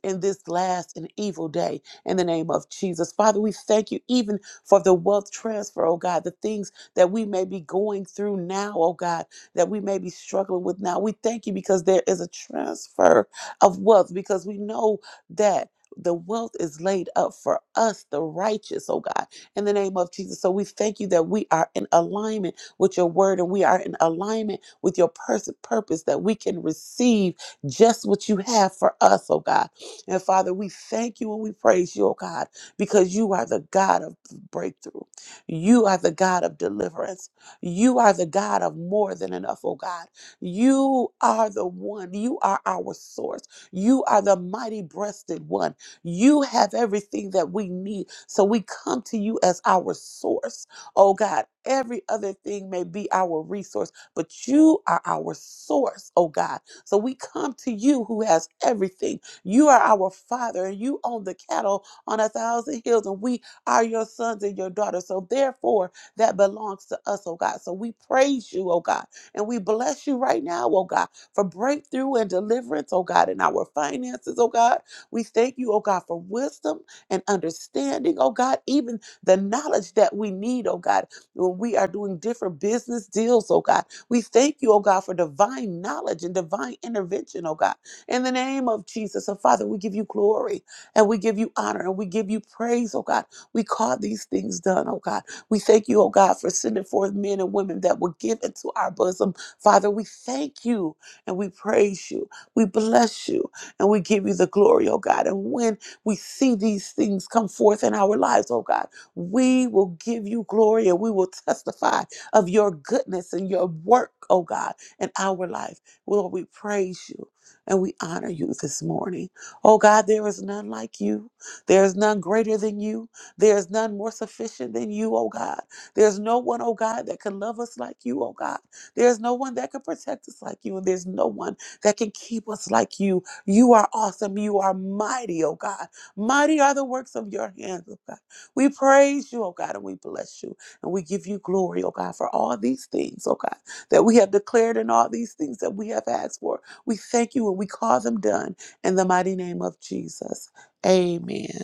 [SPEAKER 5] in this last and evil day in the name of Jesus. Father, we thank you even for the wealth transfer, oh God, the things that we may be going through now, oh God, that we may be struggling with now. We thank you because there is a transfer of wealth because we know that. The wealth is laid up for us, the righteous, oh God, in the name of Jesus. So we thank you that we are in alignment with your word and we are in alignment with your pers- purpose that we can receive just what you have for us, oh God and Father, we thank you and we praise you, oh God, because you are the God of breakthrough. You are the God of deliverance. You are the God of more than enough, oh God. You are the one. You are our source. You are the mighty breasted one. You have everything that we need. So we come to you as our source, oh God. Every other thing may be our resource, but you are our source, oh God. So we come to you who has everything you are our Father, and you own the cattle on a thousand hills, and we are your sons and your daughters. So therefore, that belongs to us, oh God. So we praise you, oh God, and we bless you right now, oh God, for breakthrough and deliverance, oh God, in our finances, oh God. We thank you, oh God, for wisdom and understanding, oh God, even the knowledge that we need, oh God, when we are doing different business deals, oh God. We thank you, oh God, for divine knowledge and divine intervention, oh God. In the name of Jesus, and Father, we give you glory and we give you honor and we give you praise, oh God. We call these things done, oh God. We thank you, oh God, for sending forth men and women that will give into our bosom. Father, we thank you and we praise you. We bless you and we give you the glory, oh God. And when we see these things come forth in our lives, oh God, we will give you glory and we will testify of your goodness and your work, oh God, in our life. Lord, we praise you and we honor you this morning. Oh God, there is none like you. There is none greater than you. There is none more sufficient than you, oh God. There's no one, oh God, that can love us like you, oh God. There's no one that can protect us like you, and there's no one that can keep us like you. You are awesome. You are mighty, oh God. Mighty are the works of your hands, oh God. We praise you, oh God, and we bless you, and we give you glory, oh God, for all these things, oh God, that we have declared and all these things that we have asked for we thank you and we call them done in the mighty name of Jesus. Amen.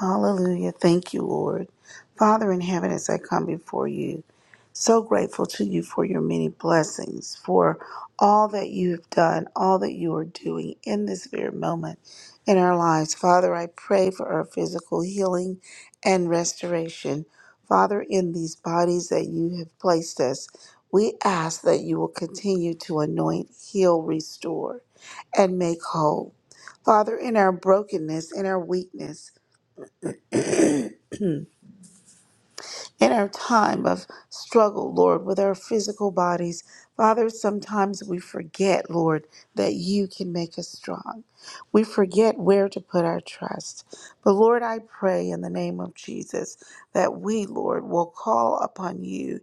[SPEAKER 4] Hallelujah. Thank you, Lord. Father in heaven, as I come before you, so grateful to you for your many blessings, for all that you have done, all that you are doing in this very moment in our lives. Father, I pray for our physical healing and restoration. Father, in these bodies that you have placed us, we ask that you will continue to anoint, heal, restore, and make whole. Father, in our brokenness, in our weakness, in our time of struggle, Lord, with our physical bodies. Father, sometimes we forget, Lord, that you can make us strong. We forget where to put our trust. But Lord, I pray in the name of Jesus that we, Lord, will call upon you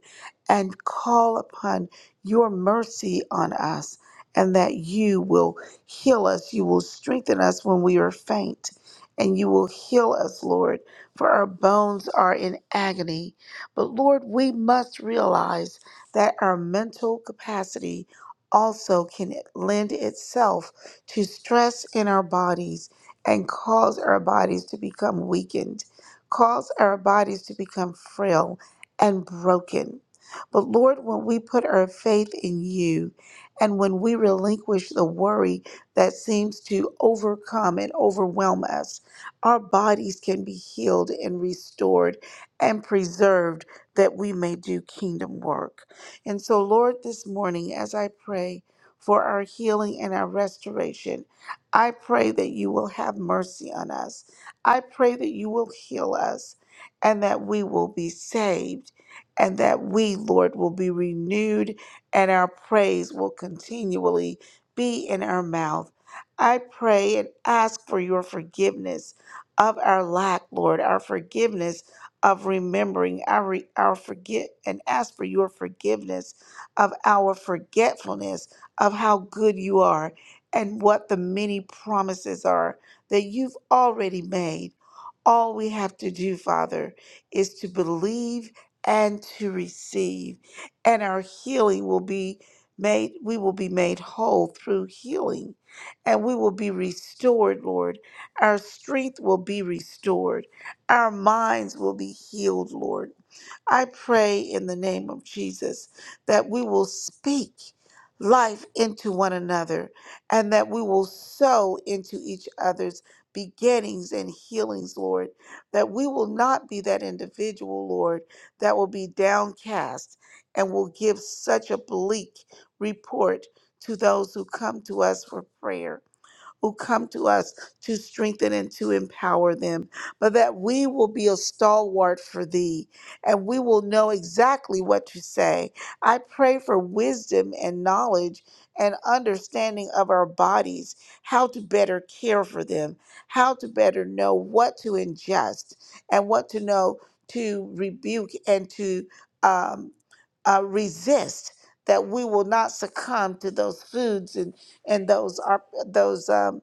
[SPEAKER 4] and call upon your mercy on us, and that you will heal us. You will strengthen us when we are faint, and you will heal us, Lord, for our bones are in agony. But Lord, we must realize that our mental capacity also can lend itself to stress in our bodies and cause our bodies to become weakened, cause our bodies to become frail and broken. But Lord, when we put our faith in you and when we relinquish the worry that seems to overcome and overwhelm us, our bodies can be healed and restored and preserved that we may do kingdom work. And so, Lord, this morning, as I pray for our healing and our restoration, I pray that you will have mercy on us. I pray that you will heal us and that we will be saved and that we, Lord, will be renewed and our praise will continually be in our mouth. I pray and ask for your forgiveness of our lack, Lord, our forgiveness of remembering. our our forget and ask for your forgiveness of our forgetfulness of how good you are and what the many promises are that you've already made. All we have to do, Father, is to believe and to receive, and our healing will be made, we will be made whole through healing, and we will be restored, Lord. Our strength will be restored our minds will be healed, Lord. I pray in the name of Jesus that we will speak life into one another and that we will sow into each other's beginnings and healings, Lord. That we will not be that individual, Lord, that will be downcast and will give such a bleak report to those who come to us for prayer who come to us to strengthen and to empower them, but that we will be a stalwart for thee and we will know exactly what to say. I pray for wisdom and knowledge and understanding of our bodies, how to better care for them, how to better know what to ingest and what to know to rebuke and to um, uh, resist that we will not succumb to those foods and and those are those um,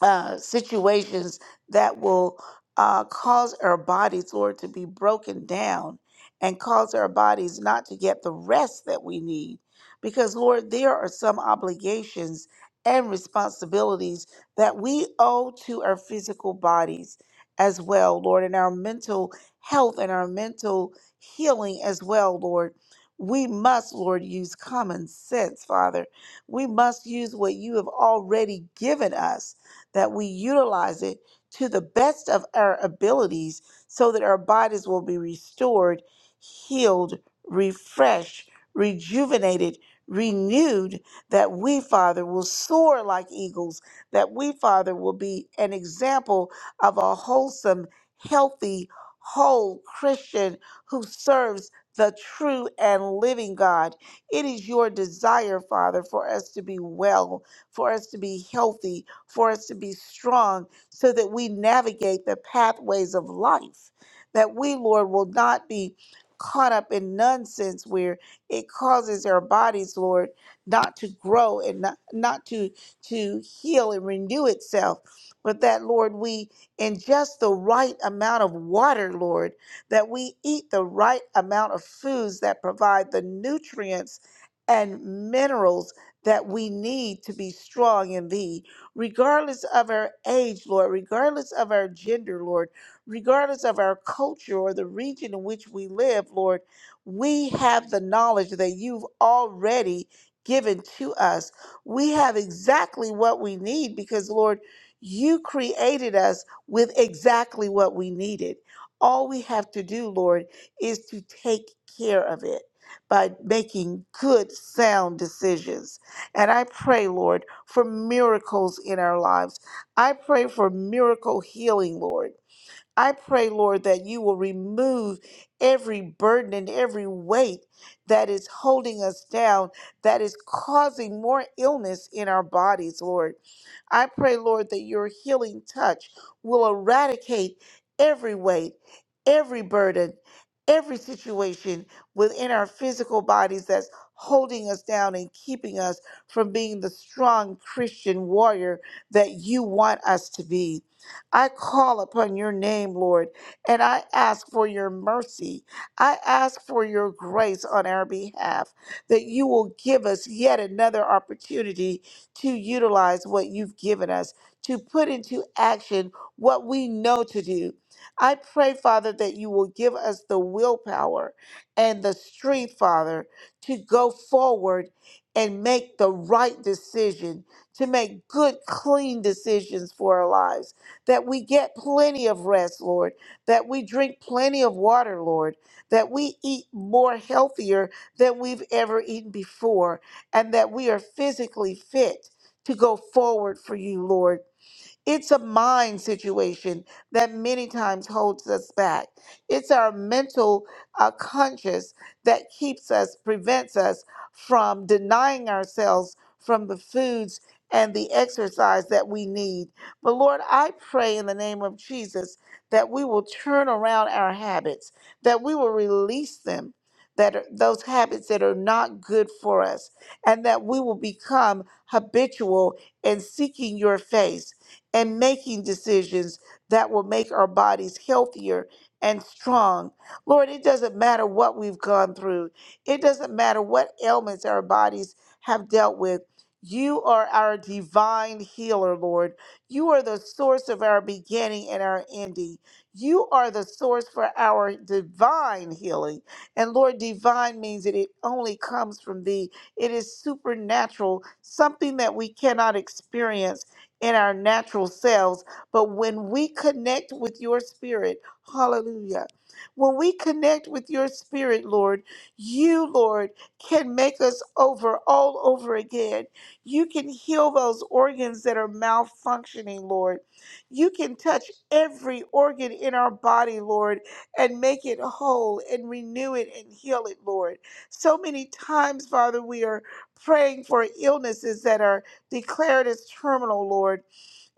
[SPEAKER 4] uh, situations that will uh, cause our bodies, Lord, to be broken down and cause our bodies not to get the rest that we need. Because, Lord, there are some obligations and responsibilities that we owe to our physical bodies as well, Lord, and our mental health and our mental healing as well, Lord. We must, Lord, use common sense, Father. We must use what you have already given us that we utilize it to the best of our abilities so that our bodies will be restored, healed, refreshed, rejuvenated, renewed, that we, Father, will soar like eagles, that we, Father, will be an example of a wholesome, healthy, whole Christian who serves the true and living God. It is your desire, Father, for us to be well for us to be healthy, for us to be strong, so that we navigate the pathways of life. That we, Lord, will not be caught up in nonsense where it causes our bodies, Lord, not to grow and not, not to, to heal and renew itself. But that, Lord, we ingest the right amount of water, Lord, that we eat the right amount of foods that provide the nutrients and minerals that we need to be strong in thee, regardless of our age, Lord, regardless of our gender, Lord, regardless of our culture or the region in which we live, Lord. We have the knowledge that you've already given to us. We have exactly what we need because, Lord, you created us with exactly what we needed. All we have to do, Lord, is to take care of it by making good, sound decisions and I pray, Lord, for miracles in our lives. I pray for miracle healing, Lord. I pray, Lord, that you will remove every burden and every weight that is holding us down, that is causing more illness in our bodies, Lord. I pray, Lord, that your healing touch will eradicate every weight, every burden, every situation within our physical bodies that's holding us down and keeping us from being the strong Christian warrior that you want us to be. I call upon your name, Lord, and I ask for your mercy. I ask for your grace on our behalf, that you will give us yet another opportunity to utilize what you've given us, to put into action what we know to do. I pray, Father, that you will give us the willpower and the strength, Father, to go forward and make the right decision, to make good, clean decisions for our lives that we get plenty of rest, Lord, that we drink plenty of water, Lord, that we eat more healthier than we've ever eaten before, and that we are physically fit to go forward for you, Lord. It's a mind situation that many times holds us back. It's our mental uh, conscious that keeps us, prevents us from denying ourselves from the foods and the exercise that we need. But Lord, I pray in the name of Jesus that we will turn around our habits, that we will release them. That are, those habits that are not good for us, and that we will become habitual in seeking your face and making decisions that will make our bodies healthier and strong. Lord, it doesn't matter what we've gone through, it doesn't matter what ailments our bodies have dealt with. You are our divine healer, Lord. You are the source of our beginning and our ending. You are the source for our divine healing. And Lord, divine means that it only comes from thee. It is supernatural, something that we cannot experience in our natural selves. But when we connect with your spirit, hallelujah. When we connect with your spirit, Lord, you, Lord, can make us over all over again. You can heal those organs that are malfunctioning, Lord. You can touch every organ in our body, Lord, and make it whole and renew it and heal it, Lord. So many times, Father, we are praying for illnesses that are Declare it is terminal, Lord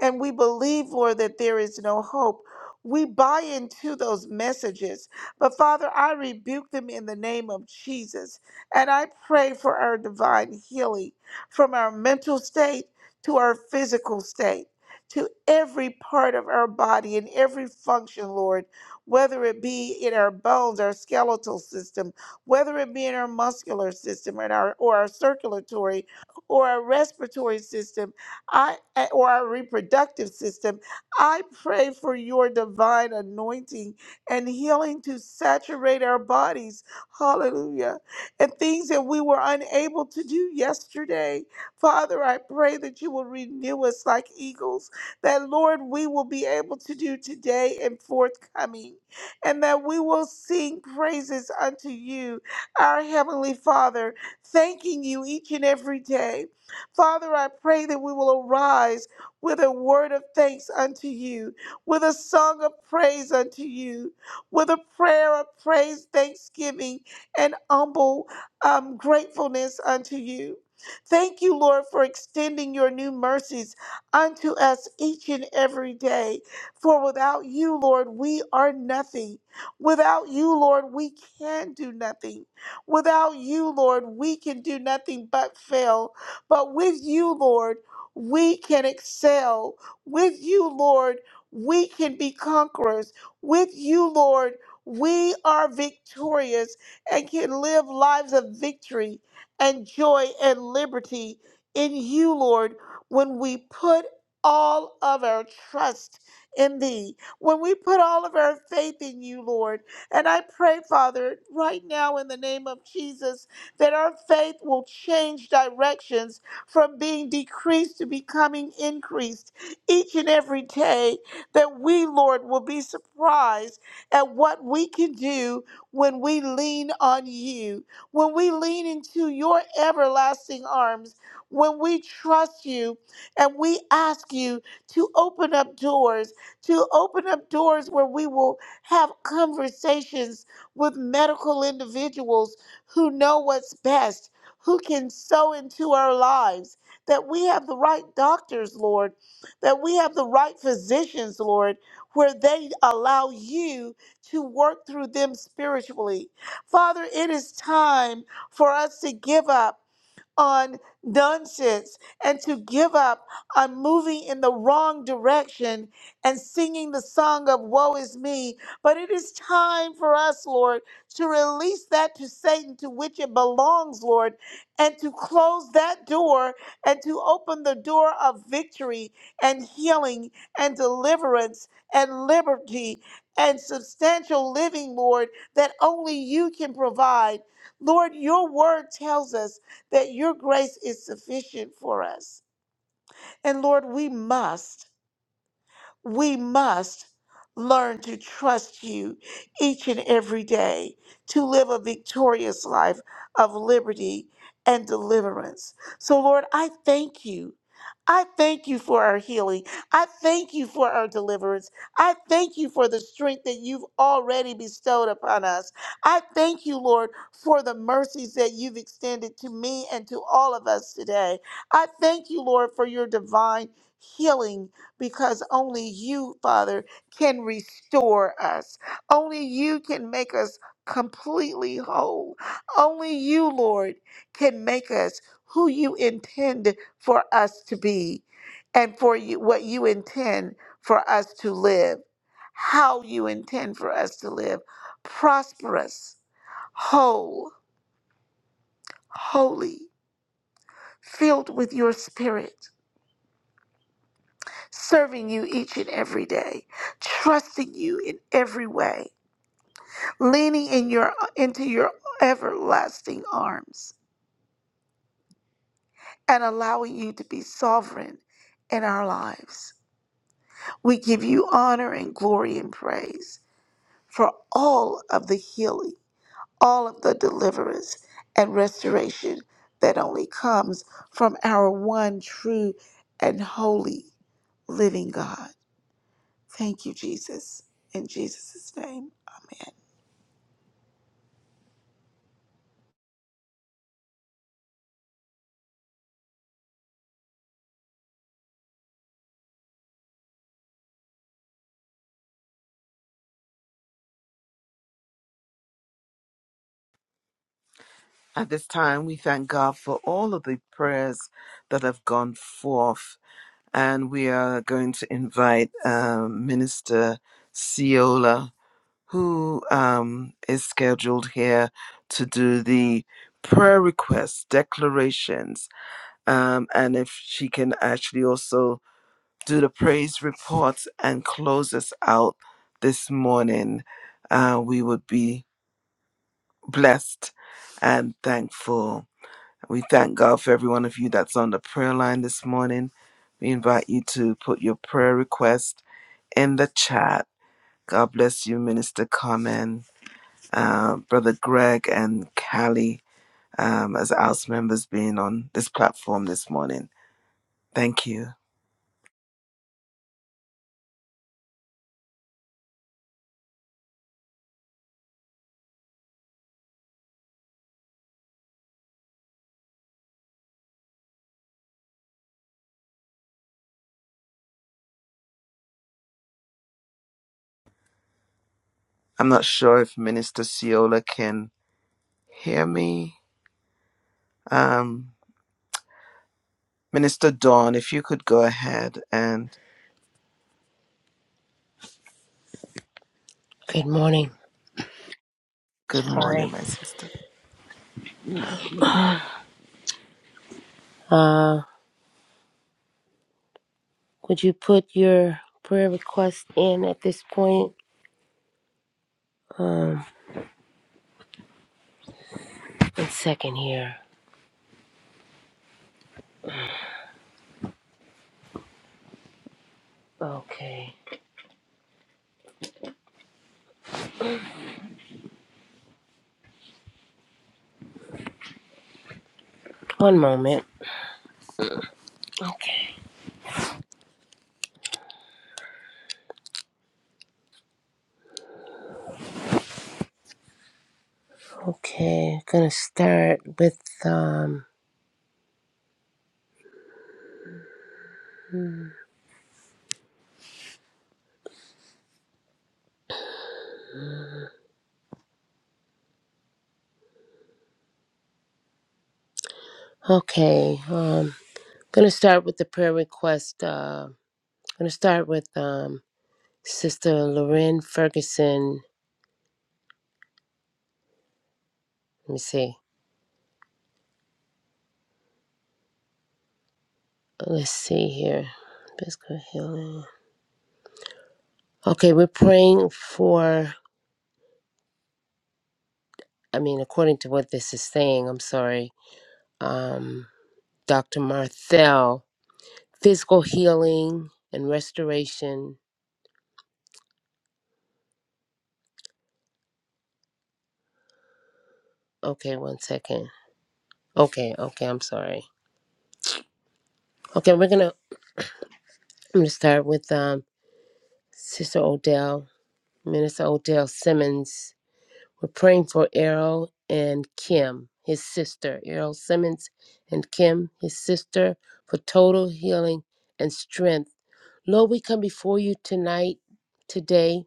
[SPEAKER 4] and we believe, Lord, that there is no hope. We buy into those messages. But Father, I rebuke them in the name of Jesus. And I pray for our divine healing from our mental state to our physical state, to every part of our body and every function, Lord, whether it be in our bones, our skeletal system, whether it be in our muscular system and our, or our circulatory or our respiratory system I eh, or our reproductive system. I pray for your divine anointing and healing to saturate our bodies. Hallelujah. And things that we were unable to do yesterday. Father, I pray that you will renew us like eagles, that Lord, we will be able to do today and forthcoming, and that we will sing praises unto you, our Heavenly Father, thanking you each and every day. Father, I pray that we will arise with a word of thanks unto you, with a song of praise unto you, with a prayer of praise, thanksgiving, and humble um, gratefulness unto you. Thank you, Lord, for extending your new mercies unto us each and every day. For without you, Lord, we are nothing. Without you, Lord, we can do nothing. Without you, Lord, we can do nothing but fail but with you, Lord, we can excel. With you, Lord, we can be conquerors. With you, Lord, we are victorious and can live lives of victory and joy and liberty in you, Lord, when we put all of our trust in thee, when we put all of our faith in you, Lord. And I pray, Father, right now in the name of Jesus, that our faith will change directions from being decreased to becoming increased each and every day, that we, Lord, will be surprised at what we can do when we lean on you, when we lean into your everlasting arms, when we trust you and we ask you to open up doors, to open up doors where we will have conversations with medical individuals who know what's best who can sow into our lives, that we have the right doctors, Lord, that we have the right physicians, Lord, where they allow you to work through them spiritually. Father, it is time for us to give up on nonsense and to give up on moving in the wrong direction and singing the song of woe is me. But it is time for us, Lord, to release that to Satan to which it belongs, Lord, and to close that door and to open the door of victory and healing and deliverance and liberty and substantial living, Lord, that only you can provide. Lord, your word tells us that your grace is sufficient for us. And Lord, we must we must learn to trust you each and every day to live a victorious life of liberty and deliverance. So, Lord, I thank you. I thank you for our healing. I thank you for our deliverance. I thank you for the strength that you've already bestowed upon us. I thank you, Lord, for the mercies that you've extended to me and to all of us today. I thank you, Lord, for your divine healing because only you, Father, can restore us. Only you can make us completely whole. Only you, Lord, can make us who you intend for us to be and for you, what you intend for us to live, how you intend for us to live. Prosperous, whole, holy, filled with your spirit. serving you each and every day, trusting you in every way, leaning in your into your everlasting arms and allowing you to be sovereign in our lives. We give you honor and glory and praise for all of the healing, all of the deliverance and restoration that only comes from our one true and holy living God. Thank you, Jesus. In Jesus' name, amen.
[SPEAKER 1] At this time, we thank God for all of the prayers that have gone forth. And we are going to invite um, Minister Ciola who um, is scheduled here to do the prayer requests, declarations, um, and if she can actually also do the praise reports and close us out this morning, uh, we would be blessed and thankful. We thank God for every one of you that's on the prayer line this morning. We invite you to put your prayer request in the chat. God bless you, Minister Carmen uh, Brother Greg and Callie um, as House members being on this platform this morning. Thank you. I'm not sure if Minister Ciola can hear me. Um, Minister Dawn, if you could go ahead and
[SPEAKER 6] Good morning.
[SPEAKER 1] good
[SPEAKER 6] Hi.
[SPEAKER 1] morning, my sister.
[SPEAKER 6] Uh, would you put your prayer request in at this point? Um, one second here. Okay. One moment. Okay. Okay. Gonna start with um. Okay. Um. Gonna start with the prayer request. Uh, gonna start with um. Sister Lorraine Ferguson. Let me see. Let's see here. Physical healing. Okay, we're praying for I mean, according to what this is saying, I'm sorry, um, Dr. Marthel, physical healing and restoration. Okay, one second. Okay, okay, I'm sorry. Okay, we're gonna I'm gonna start with um, Sister Odell, Minister Odell Simmons. We're praying for Errol and Kim, his sister, Errol Simmons and Kim, his sister, for total healing and strength. Lord, we come before you tonight, today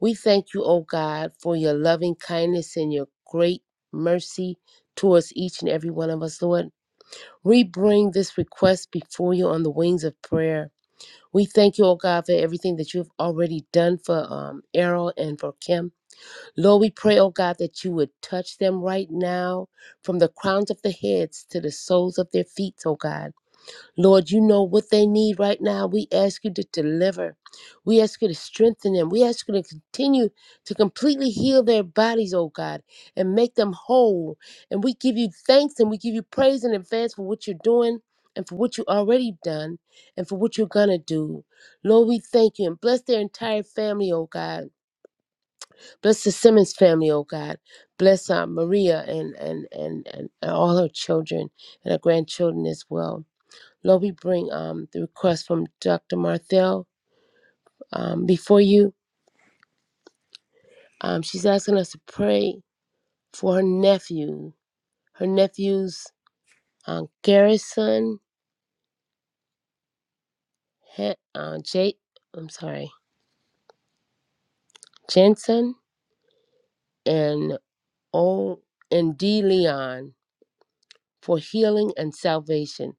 [SPEAKER 6] We thank you, O God, for your loving kindness and your great mercy towards each and every one of us, Lord. We bring this request before you on the wings of prayer. We thank you, O God, for everything that you've already done for um, Errol and for Kim. Lord, we pray, O God, that you would touch them right now from the crowns of their heads to the soles of their feet, O God. Lord, you know what they need right now. We ask you to deliver. We ask you to strengthen them. We ask you to continue to completely heal their bodies, oh God, and make them whole. And we give you thanks and we give you praise in advance for what you're doing and for what you already done and for what you're going to do. Lord, we thank you and bless their entire family, oh God. Bless the Simmons family, oh God. Bless Aunt Maria and, and, and, and all her children and her grandchildren as well. Lord, we bring um, the request from Dr. Marthel um, before you. Um, she's asking us to pray for her nephew, her nephew's uh, Garrison, he, uh, Jake, I'm sorry, Jensen, and O. and D. Leon. for healing and salvation.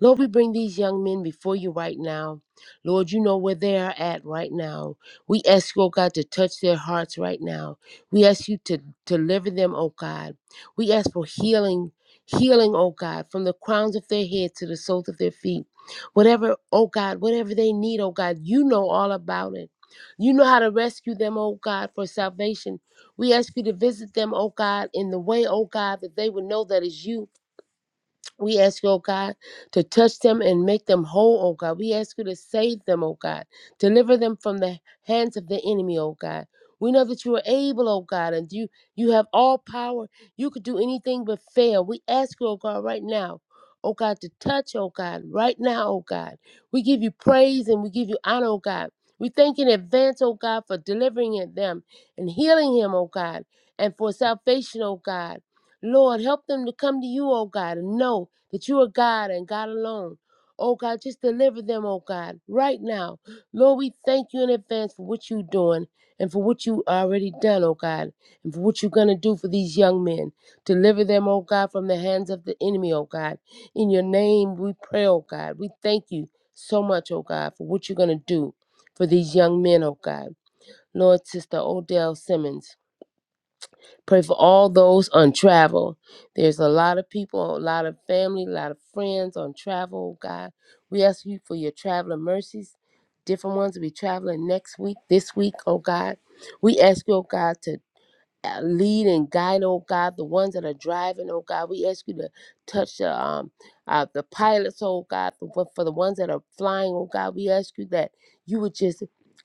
[SPEAKER 6] Lord, we bring these young men before you right now. Lord, you know where they are at right now. We ask you, oh God, to touch their hearts right now. We ask you to to deliver them, oh God. We ask for healing, healing, oh God, from the crowns of their head to the soles of their feet. Whatever, oh God, whatever they need, oh God, you know all about it. You know how to rescue them, oh God, for salvation. We ask you to visit them, oh God, in the way, oh God, that they would know that is you we ask you, oh God, to touch them and make them whole, oh God. We ask you to save them, oh God. Deliver them from the hands of the enemy, oh God. We know that you are able, oh God, and you you have all power. You could do anything but fail. We ask you, oh God, right now, oh God, to touch, oh God, right now, oh God. We give you praise and we give you honor, oh God. We thank you in advance, oh God, for delivering it- them and healing him, oh God, and for salvation, oh God. Lord, help them to come to you, oh God, and know that you are God and God alone. Oh God, just deliver them, oh God, right now. Lord, we thank you in advance for what you're doing and for what you already done, oh God, and for what you're going to do for these young men. Deliver them, oh God, from the hands of the enemy, oh God. In your name we pray, oh God. We thank you so much, oh God, for what you're going to do for these young men, oh God. Lord, Sister Odell Simmons. Pray for all those on travel. There's a lot of people, a lot of family, a lot of friends on travel, God. We ask you for your traveling mercies. Different ones will be traveling next week, this week, oh God. We ask you, oh God, to uh, lead and guide, oh God, the ones that are driving, oh God. We ask you to touch the um uh, the pilots, oh God, for, for for the ones that are flying, oh God. We ask you that you would just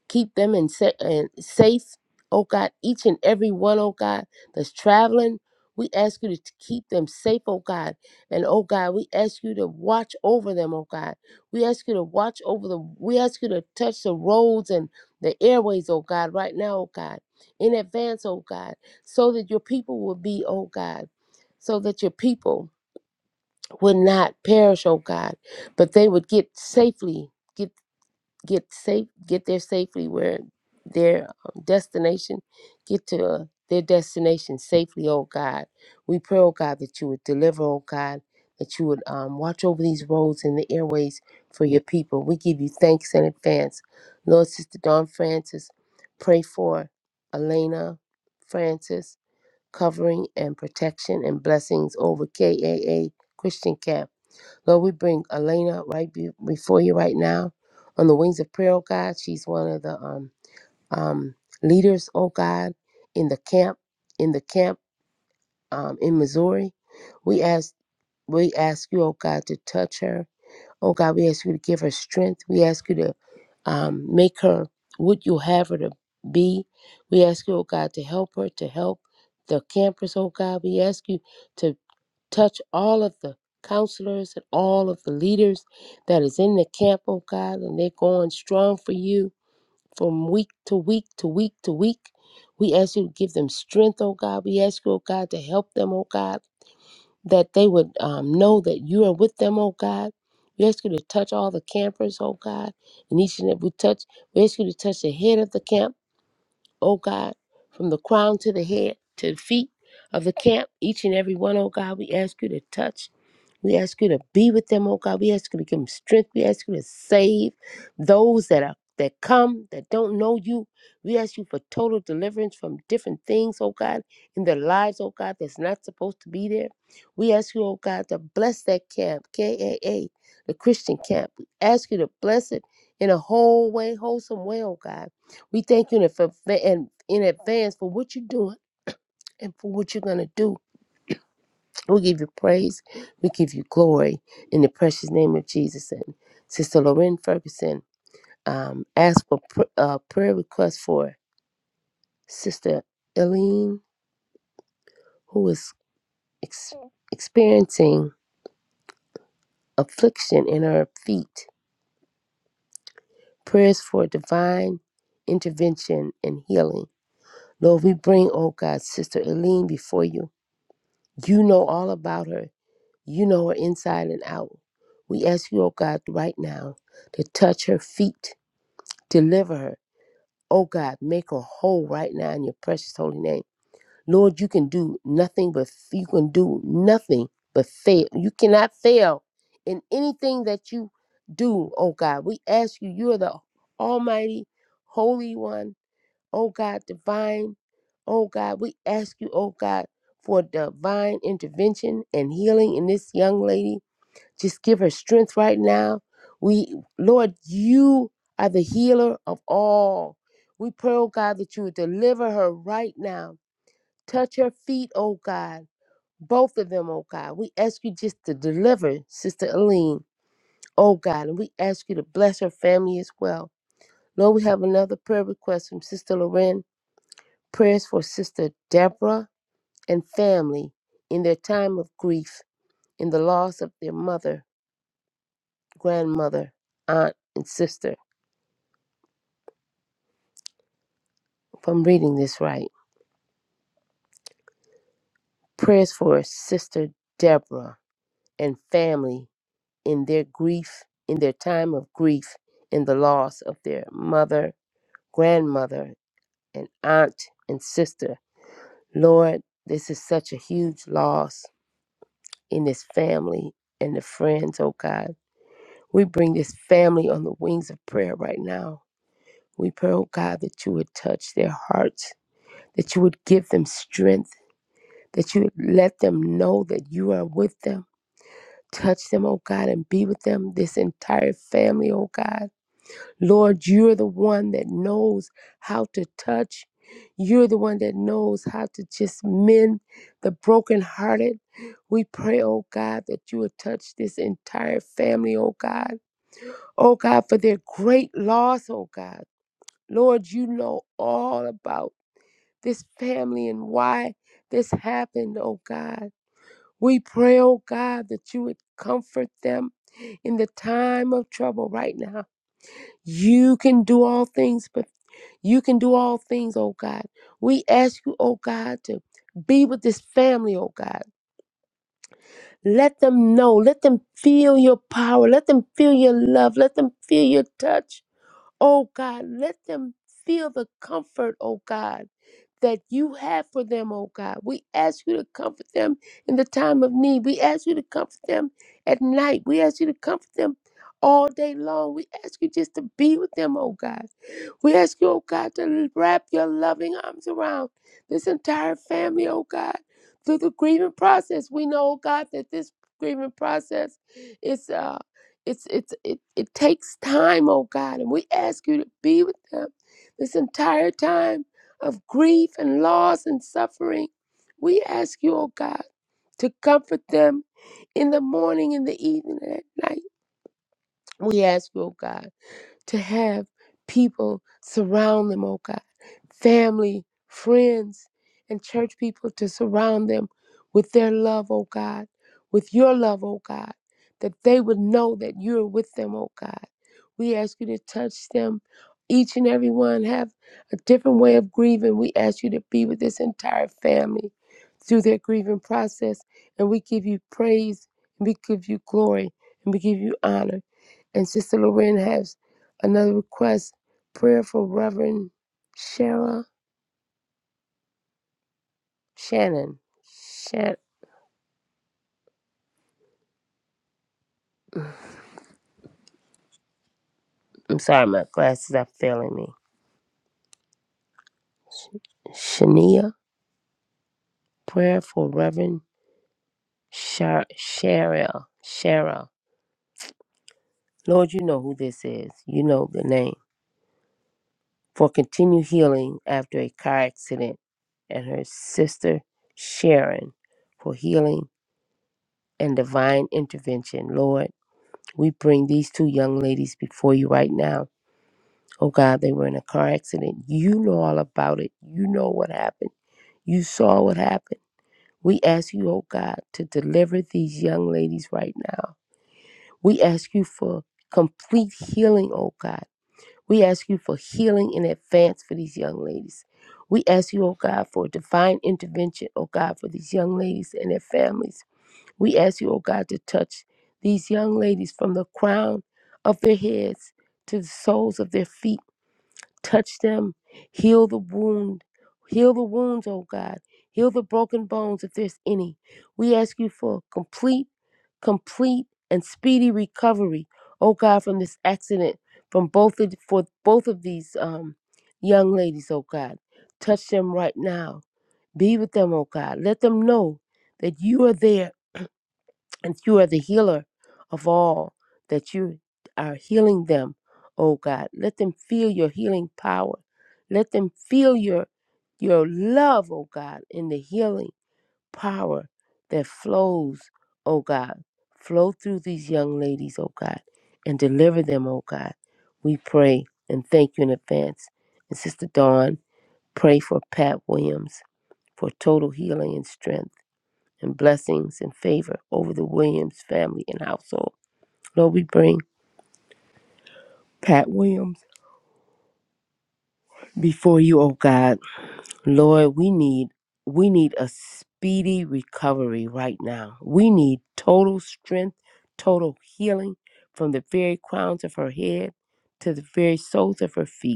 [SPEAKER 6] keep them in, sa- in safe, oh God. Each and every one, oh God, that's traveling. We ask you to t- keep them safe, oh God. And oh God, we ask you to watch over them, oh God. We ask you to watch over the we ask you to touch the roads and the airways, oh God, right now, oh God. In advance, oh God so that your people will be, oh God, so that your people would not perish, oh God, but they would get safely, get get safe, get there safely where their um, destination, get to uh, their destination safely, oh God. We pray, oh God, that you would deliver, oh God, that you would um, watch over these roads and the airways for your people. We give you thanks in advance. Lord, Sister Dawn Francis, pray for Elena Francis covering and protection and blessings over KAA Christian Camp. Lord, we bring Elena right be- before you right now on the wings of prayer, oh God. She's one of the um, um, leaders, oh God, in the camp, in the camp um, in Missouri. We ask, we ask you, oh God, to touch her Oh God, we ask you to give her strength. We ask you to um, make her what you have her to be. We ask you, oh God, to help her, to help the campers, oh God. We ask you to touch all of the counselors and all of the leaders that is in the camp, oh God, and they're going strong for you from week to week to week to week. We ask you to give them strength, oh God. We ask you, oh God, to help them, oh God that they would um, know that you are with them, oh God. We ask you to touch all the campers, oh God, and each and every touch. We ask you to touch the head of the camp, oh God, from the crown to the head to the feet of the camp, each and every one, oh God. We ask you to touch. We ask you to be with them, oh God. We ask you to give them strength. We ask you to save those that are that come that don't know you. We ask you for total deliverance from different things, oh God, in their lives, oh God, that's not supposed to be there. We ask you, oh God, to bless that camp, KAA, the Christian camp. We ask you to bless it in a whole way, wholesome way, oh God. We thank you in adv- in in advance for what you're doing and for what you're going to do. We give you praise. We give you glory in the precious name of Jesus. And Sister Lorraine Ferguson um, asked for pr- uh, prayer request for Sister Eileen, who is ex- experiencing affliction in her feet. Prayers for divine intervention and healing. Lord, we bring, oh God, Sister Eileen before you. You know all about her. You know her inside and out. We ask you, oh God, right now to touch her feet Deliver her. Oh God, make her whole right now in your precious holy name. Lord, you can do nothing but you can do nothing but fail. You cannot fail in anything that you do, oh God. We ask you, you are the Almighty, Holy One, oh God, divine, oh God. We ask you, oh God, for divine intervention and healing in this young lady just give her strength right now. We, Lord, you are the healer of all. We pray, oh God, that you would deliver her right now. Touch her feet, oh God. Both of them, oh God. We ask you just to deliver Sister Aline, oh God. And we ask you to bless her family as well. Lord, we have another prayer request from Sister Loren. Prayers for Sister Deborah and family in their time of grief, in the loss of their mother, grandmother, aunt, and sister. if I'm reading this right, prayers for Sister Deborah and family in their grief, in their time of grief, in the loss of their mother, grandmother, and aunt and sister. Lord, this is such a huge loss in this family and the friends, oh God. We bring this family on the wings of prayer right now. We pray, oh God, that you would touch their hearts, that you would give them strength, that you would let them know that you are with them Touch them, oh God, and be with them, this entire family, oh God. Lord, you're the one that knows how to touch. You're the one that knows how to just mend the brokenhearted. We pray, oh God, that you would touch this entire family, oh God. Oh God, for their great loss, oh God. Lord, you know all about this family and why this happened, oh God. We pray, oh God, that you would comfort them in the time of trouble right now. You can do all things, but you can do all things, oh God. We ask you, oh God, to be with this family, oh God. Let them know, let them feel your power, let them feel your love, let them feel your touch. Oh God, let them feel the comfort, oh God, that you have for them, oh God. We ask you to comfort them in the time of need. We ask you to comfort them at night. We ask you to comfort them all day long. We ask you just to be with them, oh God. We ask you, oh God, to wrap your loving arms around this entire family, oh God, through the grieving process. We know, oh God, that this grieving process is. uh, it's it's it, it takes time oh god and we ask you to be with them this entire time of grief and loss and suffering we ask you oh god to comfort them in the morning in the evening and at night we ask you oh god to have people surround them, oh God, family, friends, and church people to surround them with their love, oh God, with your love, oh God, that they would know that you're with them, oh God. We ask you to touch them. Each and every one have a different way of grieving. We ask you to be with this entire family through their grieving process. And we give you praise and we give you glory and we give you honor. And Sister Lorraine has another request prayer for Reverend Shara Shannon. Shan- I'm sorry, my glasses are failing me. Shania, prayer for Reverend Shara. Shara. Shara. Lord, you know who this is. You know the name. For continued healing after a car accident, and her sister Sharon for healing and divine intervention. Lord, we bring these two young ladies before you right now Oh God, they were in a car accident. You know all about it. You know what happened. You saw what happened. We ask you, oh God, to deliver these young ladies right now. We ask you for complete healing, oh God. We ask you for healing in advance for these young ladies. We ask you, oh God, for divine intervention, oh God, for these young ladies and their families. We ask you, oh God, to touch these young ladies from the crown of their heads to the soles of their feet. Touch them. Heal the wound. Heal the wounds, oh God. Heal the broken bones if there's any. We ask you for complete, complete, and speedy recovery, oh God, from this accident, from both of for both of these um young ladies, oh God. Touch them right now. Be with them, oh God. Let them know that you are there and you are the healer of all that you are healing them, oh God. Let them feel your healing power. Let them feel your your love, oh God, in the healing power that flows, oh God. Flow through these young ladies, oh God, and deliver them, oh God. We pray and thank you in advance. And Sister Dawn, pray for Pat Williams for total healing and strength and blessings and favor over the Williams family and household. Lord, we bring Pat Williams before you, oh God. Lord, we need we need a speedy recovery right now. We need total strength, total healing from the very crowns of her head to the very soles of her feet.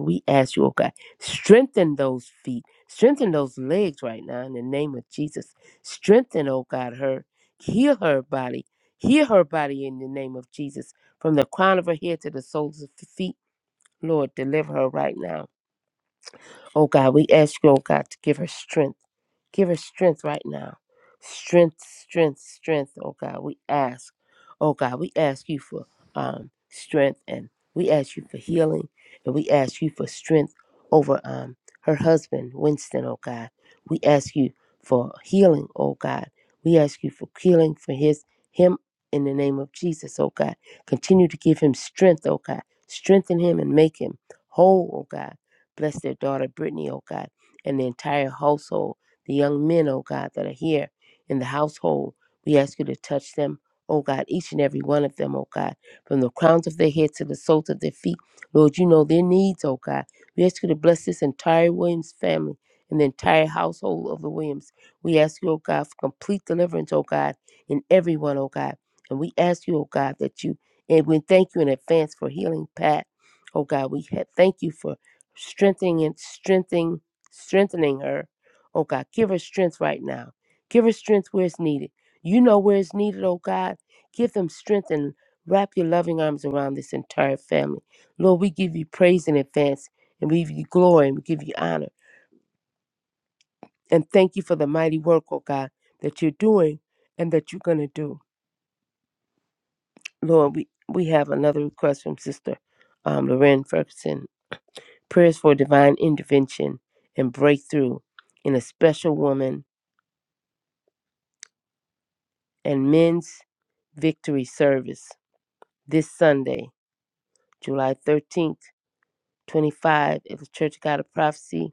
[SPEAKER 6] We ask you, oh God, strengthen those feet, strengthen those legs right now in the name of Jesus. Strengthen, oh God, her, heal her body, heal her body in the name of Jesus, from the crown of her head to the soles of her feet. Lord, deliver her right now. Oh God, we ask you, oh God, to give her strength. Give her strength right now. Strength, strength, strength, oh God. We ask, oh God, we ask you for um, strength and we ask you for healing and we ask you for strength over um, her husband, Winston, oh God. We ask you for healing, oh God. We ask you for healing for his him in the name of Jesus, oh God. Continue to give him strength, oh God. Strengthen him and make him whole, oh God. Bless their daughter Brittany, oh God, and the entire household the young men, oh God, that are here in the household. We ask you to touch them, oh God, each and every one of them, oh God, from the crowns of their head to the soles of their feet. Lord, you know their needs, oh God. We ask you to bless this entire Williams family and the entire household of the Williams. We ask you, oh God, for complete deliverance, oh God, in everyone, oh God. And we ask you, oh God, that you, and we thank you in advance for healing Pat. Oh God, we ha- thank you for strengthening and strengthening, strengthening her Oh God, give her strength right now. Give her strength where it's needed. You know where it's needed, oh God. Give them strength and wrap your loving arms around this entire family. Lord, we give you praise in advance and we give you glory and we give you honor. And thank you for the mighty work, oh God, that you're doing and that you're going to do. Lord, we, we have another request from Sister um, Lorraine Ferguson prayers for divine intervention and breakthrough in a special woman and men's victory service this Sunday, July 13th, 25, at the Church of God of Prophecy,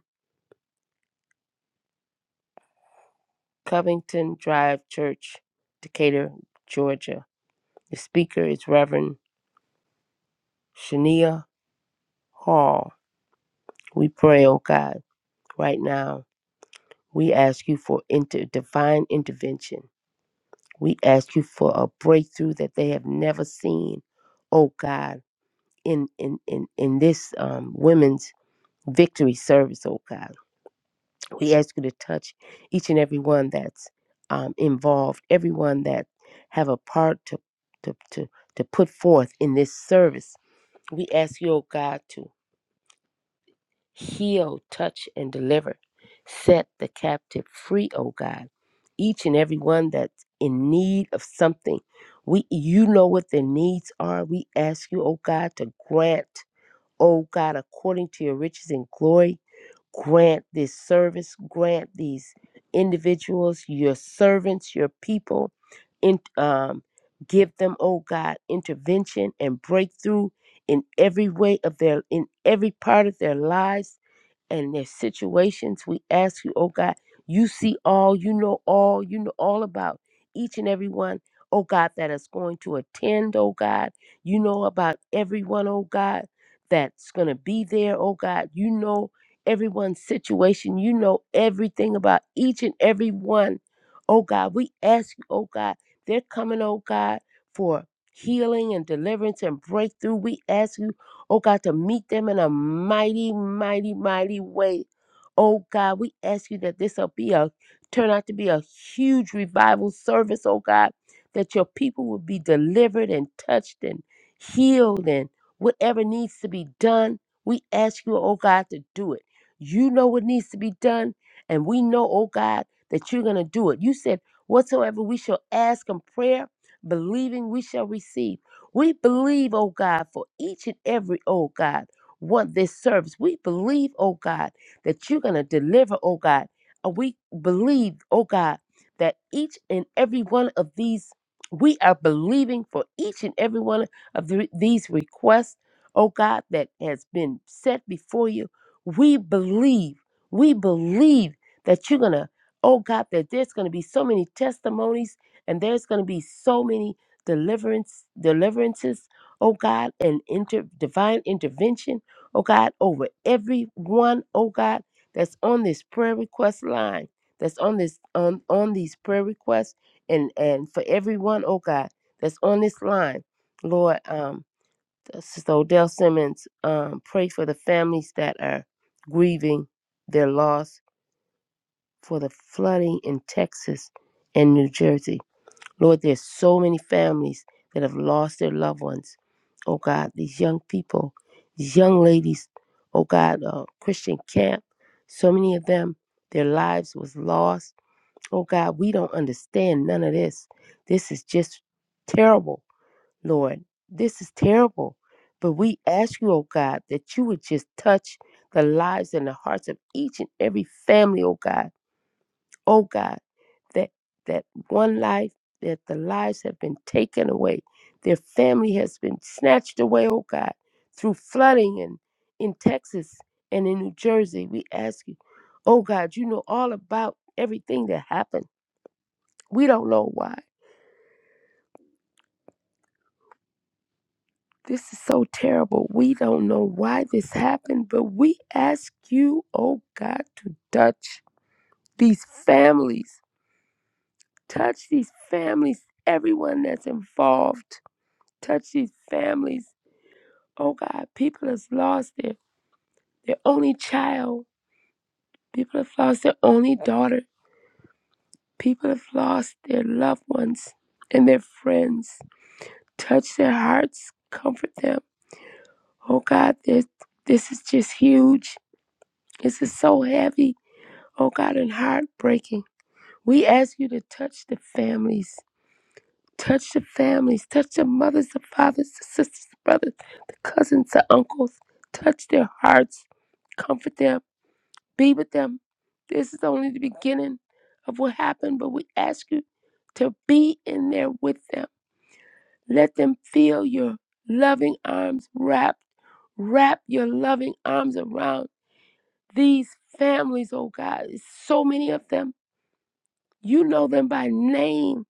[SPEAKER 6] Covington Drive Church, Decatur, Georgia. The speaker is Reverend Shania Hall. We pray, oh God, right now. We ask you for inter- divine intervention. We ask you for a breakthrough that they have never seen, oh God, in in in, in this um, women's victory service, oh God. We ask you to touch each and every one that's um, involved, everyone that have a part to, to to to put forth in this service. We ask you, oh God, to heal, touch, and deliver. Set the captive free, oh God. Each and every one that's in need of something. We you know what their needs are. We ask you, oh God, to grant O God, according to your riches and glory, grant this service, grant these individuals, your servants, your people, in, um, give them, oh God, intervention and breakthrough in every way of their, in every part of their lives and their situations. We ask you, oh God, you see all, you know all, you know all about each and every one, oh God, that is going to attend, oh God. You know about everyone, oh God, that's going to be there, oh God. You know everyone's situation. You know everything about each and every one, oh God. We ask you, oh God, they're coming, oh God, for healing and deliverance and breakthrough. We ask you Oh God, to meet them in a mighty, mighty, mighty way. Oh God, we ask you that this will be a turn out to be a huge revival service, oh God, that your people will be delivered and touched and healed and whatever needs to be done. We ask you, oh God, to do it. You know what needs to be done, and we know, oh God, that you're going to do it. You said, Whatsoever we shall ask in prayer, believing we shall receive. We believe, oh God, for each and every, oh God, want this service. We believe, oh God, that you're going to deliver, oh God. And we believe, oh God, that each and every one of these, we are believing for each and every one of the- these requests, oh God, that has been set before you. We believe, we believe that you're going to, oh God, that there's going to be so many testimonies and there's going to be so many deliverance, deliverances, oh God, and inter, divine intervention, oh God, over everyone, oh God, that's on this prayer request line, that's on this on on these prayer requests, and and for everyone, oh God, that's on this line, Lord, um, Sister Odell Simmons, um, pray for the families that are grieving their loss for the flooding in Texas and New Jersey. Lord, there's so many families that have lost their loved ones. Oh God, these young people, these young ladies, oh God, uh, Christian camp, so many of them, their lives was lost. Oh God, we don't understand none of this. This is just terrible, Lord. This is terrible. But we ask you, oh God, that you would just touch the lives and the hearts of each and every family, oh God oh God, that that one life, that the lives have been taken away, their family has been snatched away, oh God, through flooding and in Texas and in New Jersey. We ask you, oh God, you know all about everything that happened. We don't know why. This is so terrible. We don't know why this happened, but we ask you, oh God, to touch these families. Touch these families, everyone that's involved Touch these families. Oh God, people have lost their, their only child. People have lost their only daughter. People have lost their loved ones and their friends. Touch their hearts. Comfort them. Oh God, this this is just huge. This is so heavy. Oh God, and heartbreaking. We ask you to touch the families. Touch the families. Touch the mothers, the fathers, the sisters, the brothers, the cousins, the uncles. Touch their hearts. Comfort them Be with them. This is only the beginning of what happened, but we ask you to be in there with them. Let them feel your loving arms wrapped. Wrap your loving arms around these families, oh God. It's so many of them. You know them by name.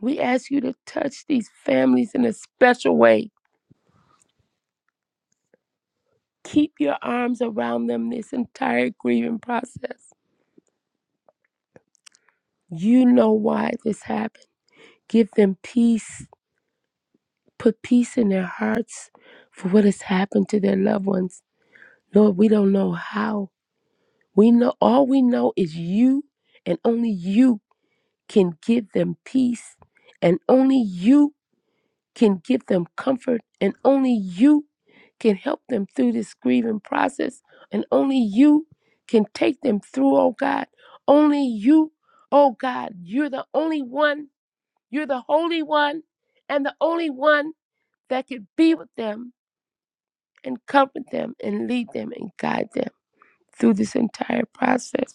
[SPEAKER 6] We ask you to touch these families in a special way. Keep your arms around them this entire grieving process. You know why this happened. Give them peace Put peace in their hearts for what has happened to their loved ones. Lord, we don't know how. We know all we know is you and only you can give them peace and only you can give them comfort and only you can help them through this grieving process and only you can take them through, oh God. Only you, oh God, you're the only one, you're the holy one and the only one that could be with them and comfort them and lead them and guide them through this entire process.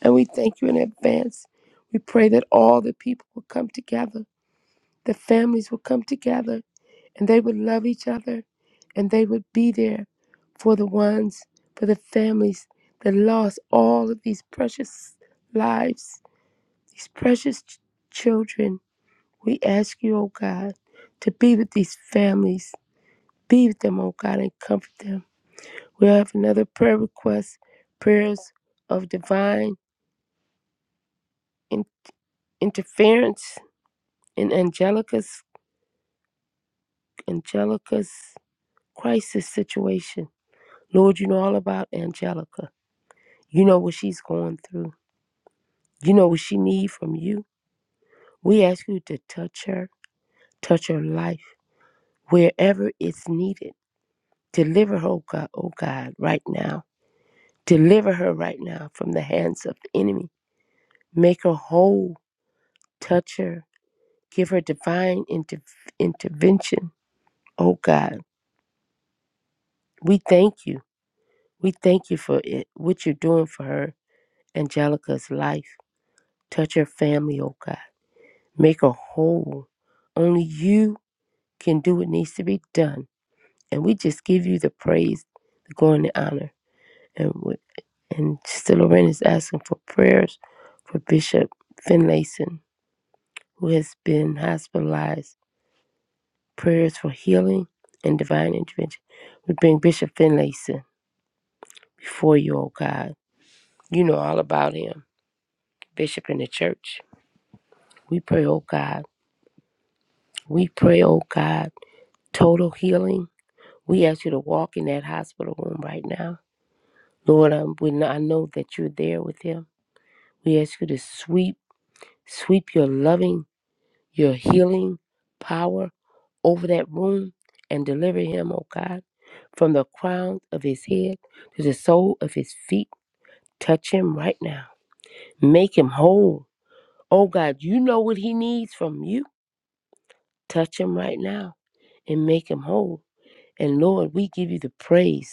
[SPEAKER 6] And we thank you in advance. We pray that all the people will come together, the families will come together, and they would love each other and they would be there for the ones, for the families that lost all of these precious lives, these precious ch- children. We ask you, oh God, to be with these families, be with them, oh God, and comfort them We have another prayer request prayers of divine in- interference in Angelica's, Angelica's crisis situation. Lord, you know all about Angelica. You know what she's going through. You know what she needs from you. We ask you to touch her, touch her life wherever it's needed. Deliver her, oh God, oh God, right now. Deliver her right now from the hands of the enemy. Make her whole. Touch her Give her divine inter- intervention. Oh God, we thank you. We thank you for it, what you're doing for her, Angelica's life. Touch her family, oh God. Make her whole. Only you can do what needs to be done. And we just give you the praise, the glory, and the honor. And, we, and Sister Lorraine is asking for prayers for Bishop Finlayson, who has been hospitalized prayers for healing and divine intervention. We bring Bishop Finlayson before you, oh God. You know all about him, Bishop in the church. We pray, oh God. We pray, oh God, total healing. We ask you to walk in that hospital room right now. Lord, I, we know, I know that you're there with him. We ask you to sweep, sweep your loving, your healing power over that room and deliver him, oh God, from the crown of his head to the sole of his feet. Touch him right now. Make him whole. Oh God, you know what he needs from you. Touch him right now and make him whole. And Lord, we give you the praise.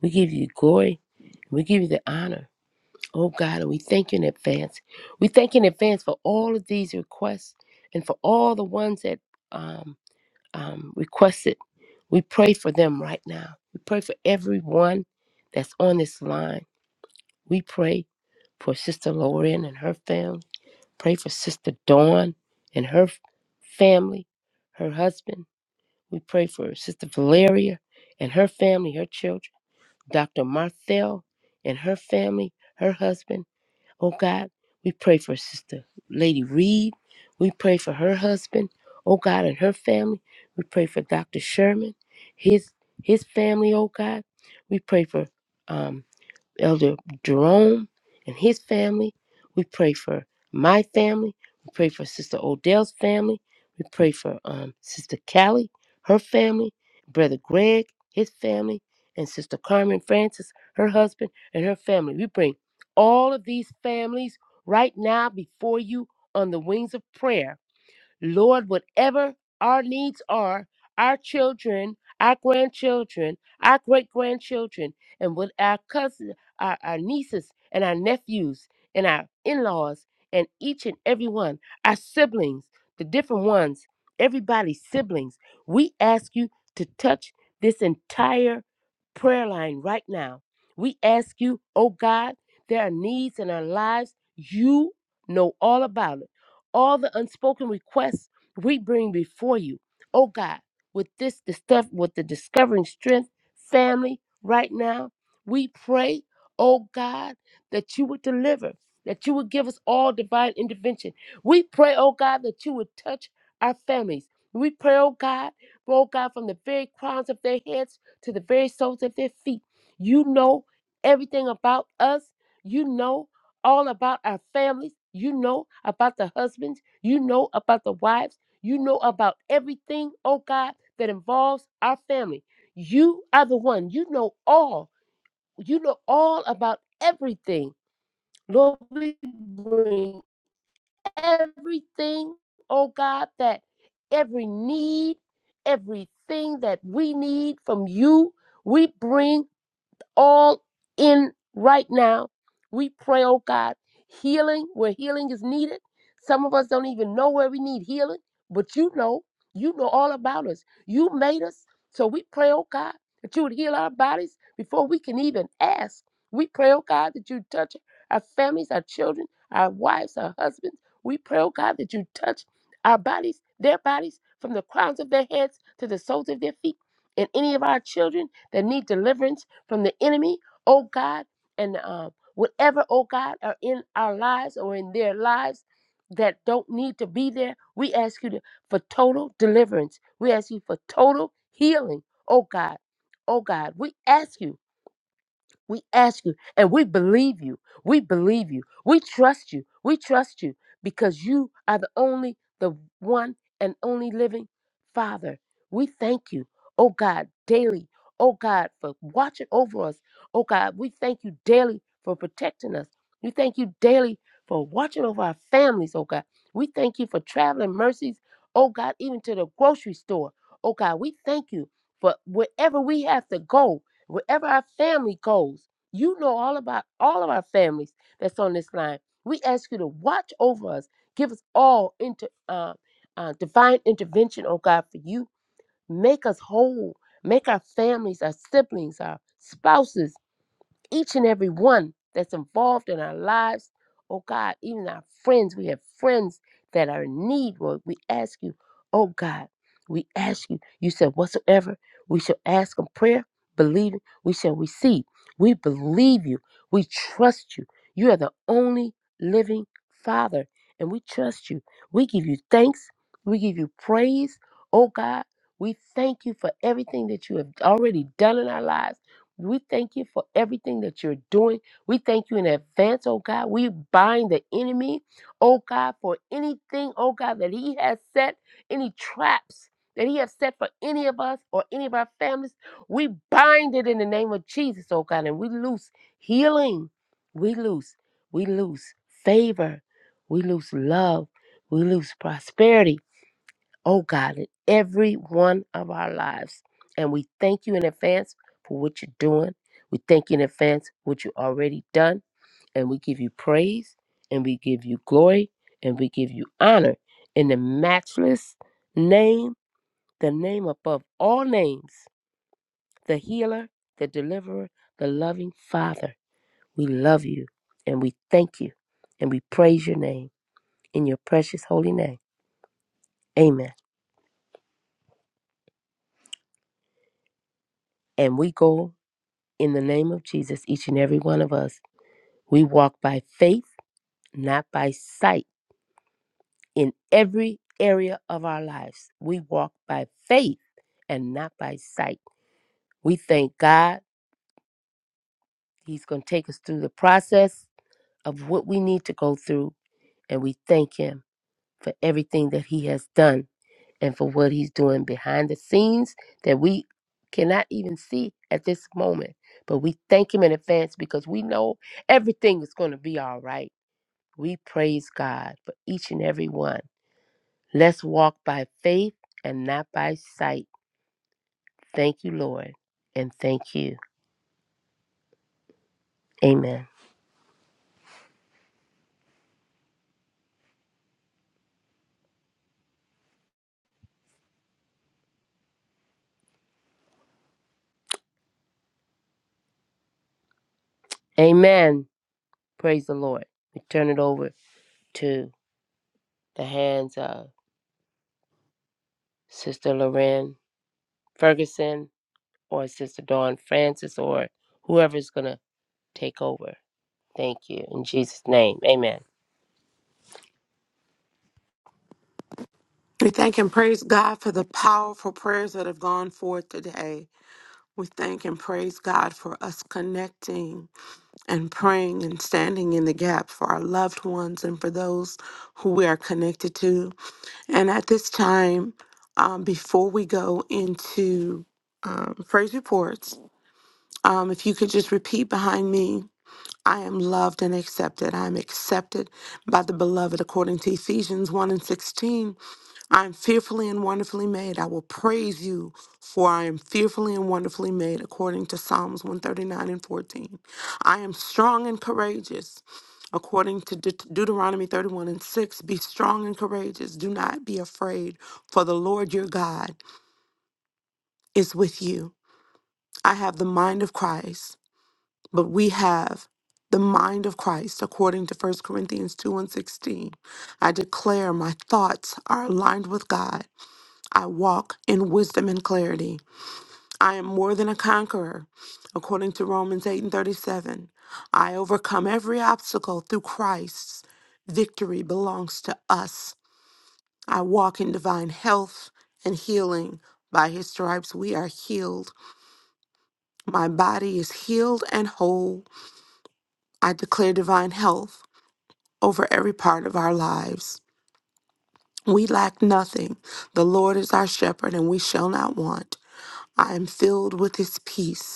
[SPEAKER 6] We give you glory. We give you the honor. Oh God, and we thank you in advance. We thank you in advance for all of these requests and for all the ones that um, um, requested. We pray for them right now. We pray for everyone that's on this line. We pray for Sister Lauren and her family. Pray for Sister Dawn and her family, her husband. We pray for Sister Valeria and her family, her children. Dr. Marthel and her family, her husband. Oh God, we pray for Sister Lady Reed. We pray for her husband. Oh God, and her family. We pray for Dr. Sherman, his his family. Oh God, we pray for. um. Elder Jerome and his family. We pray for my family. We pray for Sister Odell's family. We pray for um, Sister Callie, her family, Brother Greg, his family, and Sister Carmen Francis, her husband, and her family. We bring all of these families right now before you on the wings of prayer Lord, whatever our needs are, our children, our grandchildren, our great grandchildren, and with our cousins, our, our nieces, and our nephews, and our in laws, and each and every one, our siblings, the different ones, everybody's siblings, we ask you to touch this entire prayer line right now. We ask you, oh God, there are needs in our lives you know all about 'em all the unspoken requests we bring before you. Oh God, with this the stuff with the discovering strength family right now, we pray, oh God, that you would deliver, that you would give us all divine intervention. We pray, oh God, that you would touch our families. We pray, oh God, oh God, from the very crowns of their heads to the very soles of their feet. You know everything about us. You know all about our families. You know about the husbands. You know about the wives. You know about everything, oh God, that involves our family. You are the one. You know all. You know all about everything. Lord, we bring everything, oh God, that every need, everything that we need from you, we bring all in right now. We pray, oh God, healing where healing is needed. Some of us don't even know where we need healing, but you know, you know all about us. You made us. So we pray, oh God, that you would heal our bodies before we can even ask. We pray, oh God, that you touch our families, our children, our wives, our husbands. We pray, oh God, that you touch our bodies, their bodies, from the crowns of their heads to the soles of their feet, and any of our children that need deliverance from the enemy, oh God, and um, whatever, oh God, are in our lives or in their lives that don't need to be there, we ask you to, for total deliverance. We ask you for total healing, oh God. Oh God, we ask you we ask you and we believe you. We believe you. We trust you. We trust you because you are the only, the one and only living Father. We thank you, oh God, daily, oh God, for watching over us. Oh God, we thank you daily for protecting us. We thank you daily for watching over our families, oh God. We thank you for traveling mercies, oh God, even to the grocery store. Oh God, we thank you for wherever we have to go wherever our family goes, you know all about all of our families that's on this line. We ask you to watch over us, give us all into uh, uh, divine intervention, oh God, for you. Make us whole. Make our families, our siblings, our spouses, each and every one that's involved in our lives. Oh God, even our friends, we have friends that are in need, Lord. We ask you, oh God, we ask you. You said, whatsoever we shall ask in prayer, believing, we shall receive. We believe you. We trust you. You are the only living Father, and we trust you. We give you thanks. We give you praise. Oh God, we thank you for everything that you have already done in our lives. We thank you for everything that you're doing. We thank you in advance, oh God. We bind the enemy, oh God, for anything, oh God, that he has set, any traps that he has set for any of us or any of our families. We bind it in the name of Jesus, oh God, and we loose healing. We lose. We lose favor. We lose love. We lose prosperity oh God, in every one of our lives. And we thank you in advance for what you're doing. We thank you in advance for what you already done. And we give you praise and we give you glory and we give you honor in the matchless name, the name above all names, the healer, the deliverer, the loving Father. We love you and we thank you and we praise your name in your precious holy name. Amen. And we go In the name of Jesus, each and every one of us, we walk by faith, not by sight, in every area of our lives. We walk by faith and not by sight. We thank God. He's going to take us through the process of what we need to go through. And we thank Him for everything that He has done and for what He's doing behind the scenes that we cannot even see at this moment. But we thank Him in advance because we know everything is going to be all right We praise God for each and every one. Let's walk by faith and not by sight. Thank you, Lord, and thank you. Amen. Amen. Praise the Lord. We turn it over to the hands of Sister Lorraine Ferguson or Sister Dawn Francis or whoever's going to take over. Thank you. In Jesus' name. Amen.
[SPEAKER 2] We thank and praise God for the powerful prayers that have gone forth today. We thank and praise God for us connecting and praying and standing in the gap for our loved ones and for those who we are connected to. And at this time, um, before we go into um, phrase reports, um, if you could just repeat behind me. I am loved and accepted. I am accepted by the beloved according to Ephesians 1 and 16. I am fearfully and wonderfully made. I will praise you, for I am fearfully and wonderfully made, according to Psalms 139 and 14. I am strong and courageous, according to De- Deuteronomy 31 and 6. Be strong and courageous. Do not be afraid, for the Lord your God is with you. I have the mind of Christ, but we have the mind of Christ, according to First Corinthians 2 and 16. I declare my thoughts are aligned with God. I walk in wisdom and clarity. I am more than a conqueror. According to Romans 8 and 37, I overcome every obstacle through Christ. Victory belongs to us. I walk in divine health and healing. By his stripes, we are healed. My body is healed and whole. I declare divine health over every part of our lives. We lack nothing. The Lord is our shepherd, and we shall not want. I am filled with his peace.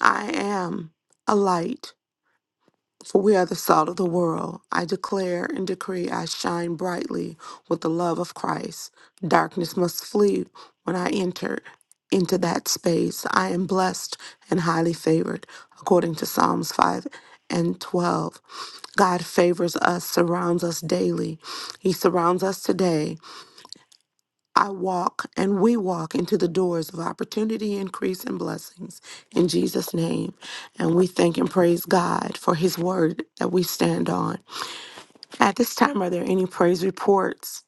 [SPEAKER 2] I am a light, for we are the salt of the world. I declare and decree I shine brightly with the love of Christ. Darkness must flee when I enter into that space. I am blessed and highly favored, according to Psalms 5 and 12. God favors us, surrounds us daily. He surrounds us today I walk and we walk into the doors of opportunity, increase, and blessings in Jesus' name. And we thank and praise God for his word that we stand on. At this time, are there any praise reports?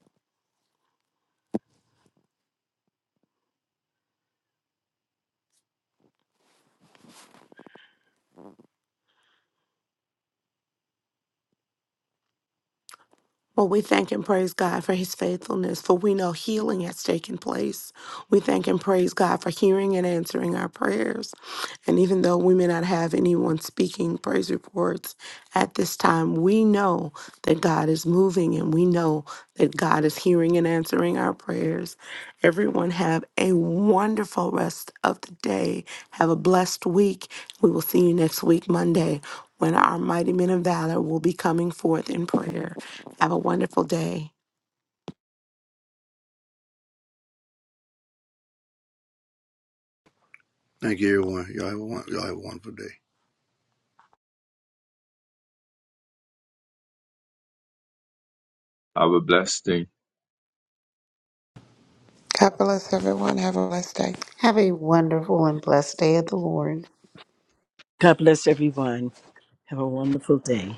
[SPEAKER 2] Well, we thank and praise God for his faithfulness, for we know healing has taken place. We thank and praise God for hearing and answering our prayers. And even though we may not have anyone speaking praise reports at this time, we know that God is moving and we know that God is hearing and answering our prayers. Everyone have a wonderful rest of the day. Have a blessed week. We will see you next week, Monday, when our mighty men of valor will be coming forth in prayer. Have a wonderful day.
[SPEAKER 7] Thank you, everyone. Y'all have a, y'all have a wonderful day.
[SPEAKER 8] aber
[SPEAKER 9] God bless everyone. Have a blessed day.
[SPEAKER 4] Have a wonderful and blessed day of the Lord.
[SPEAKER 3] God bless everyone. Have a wonderful day.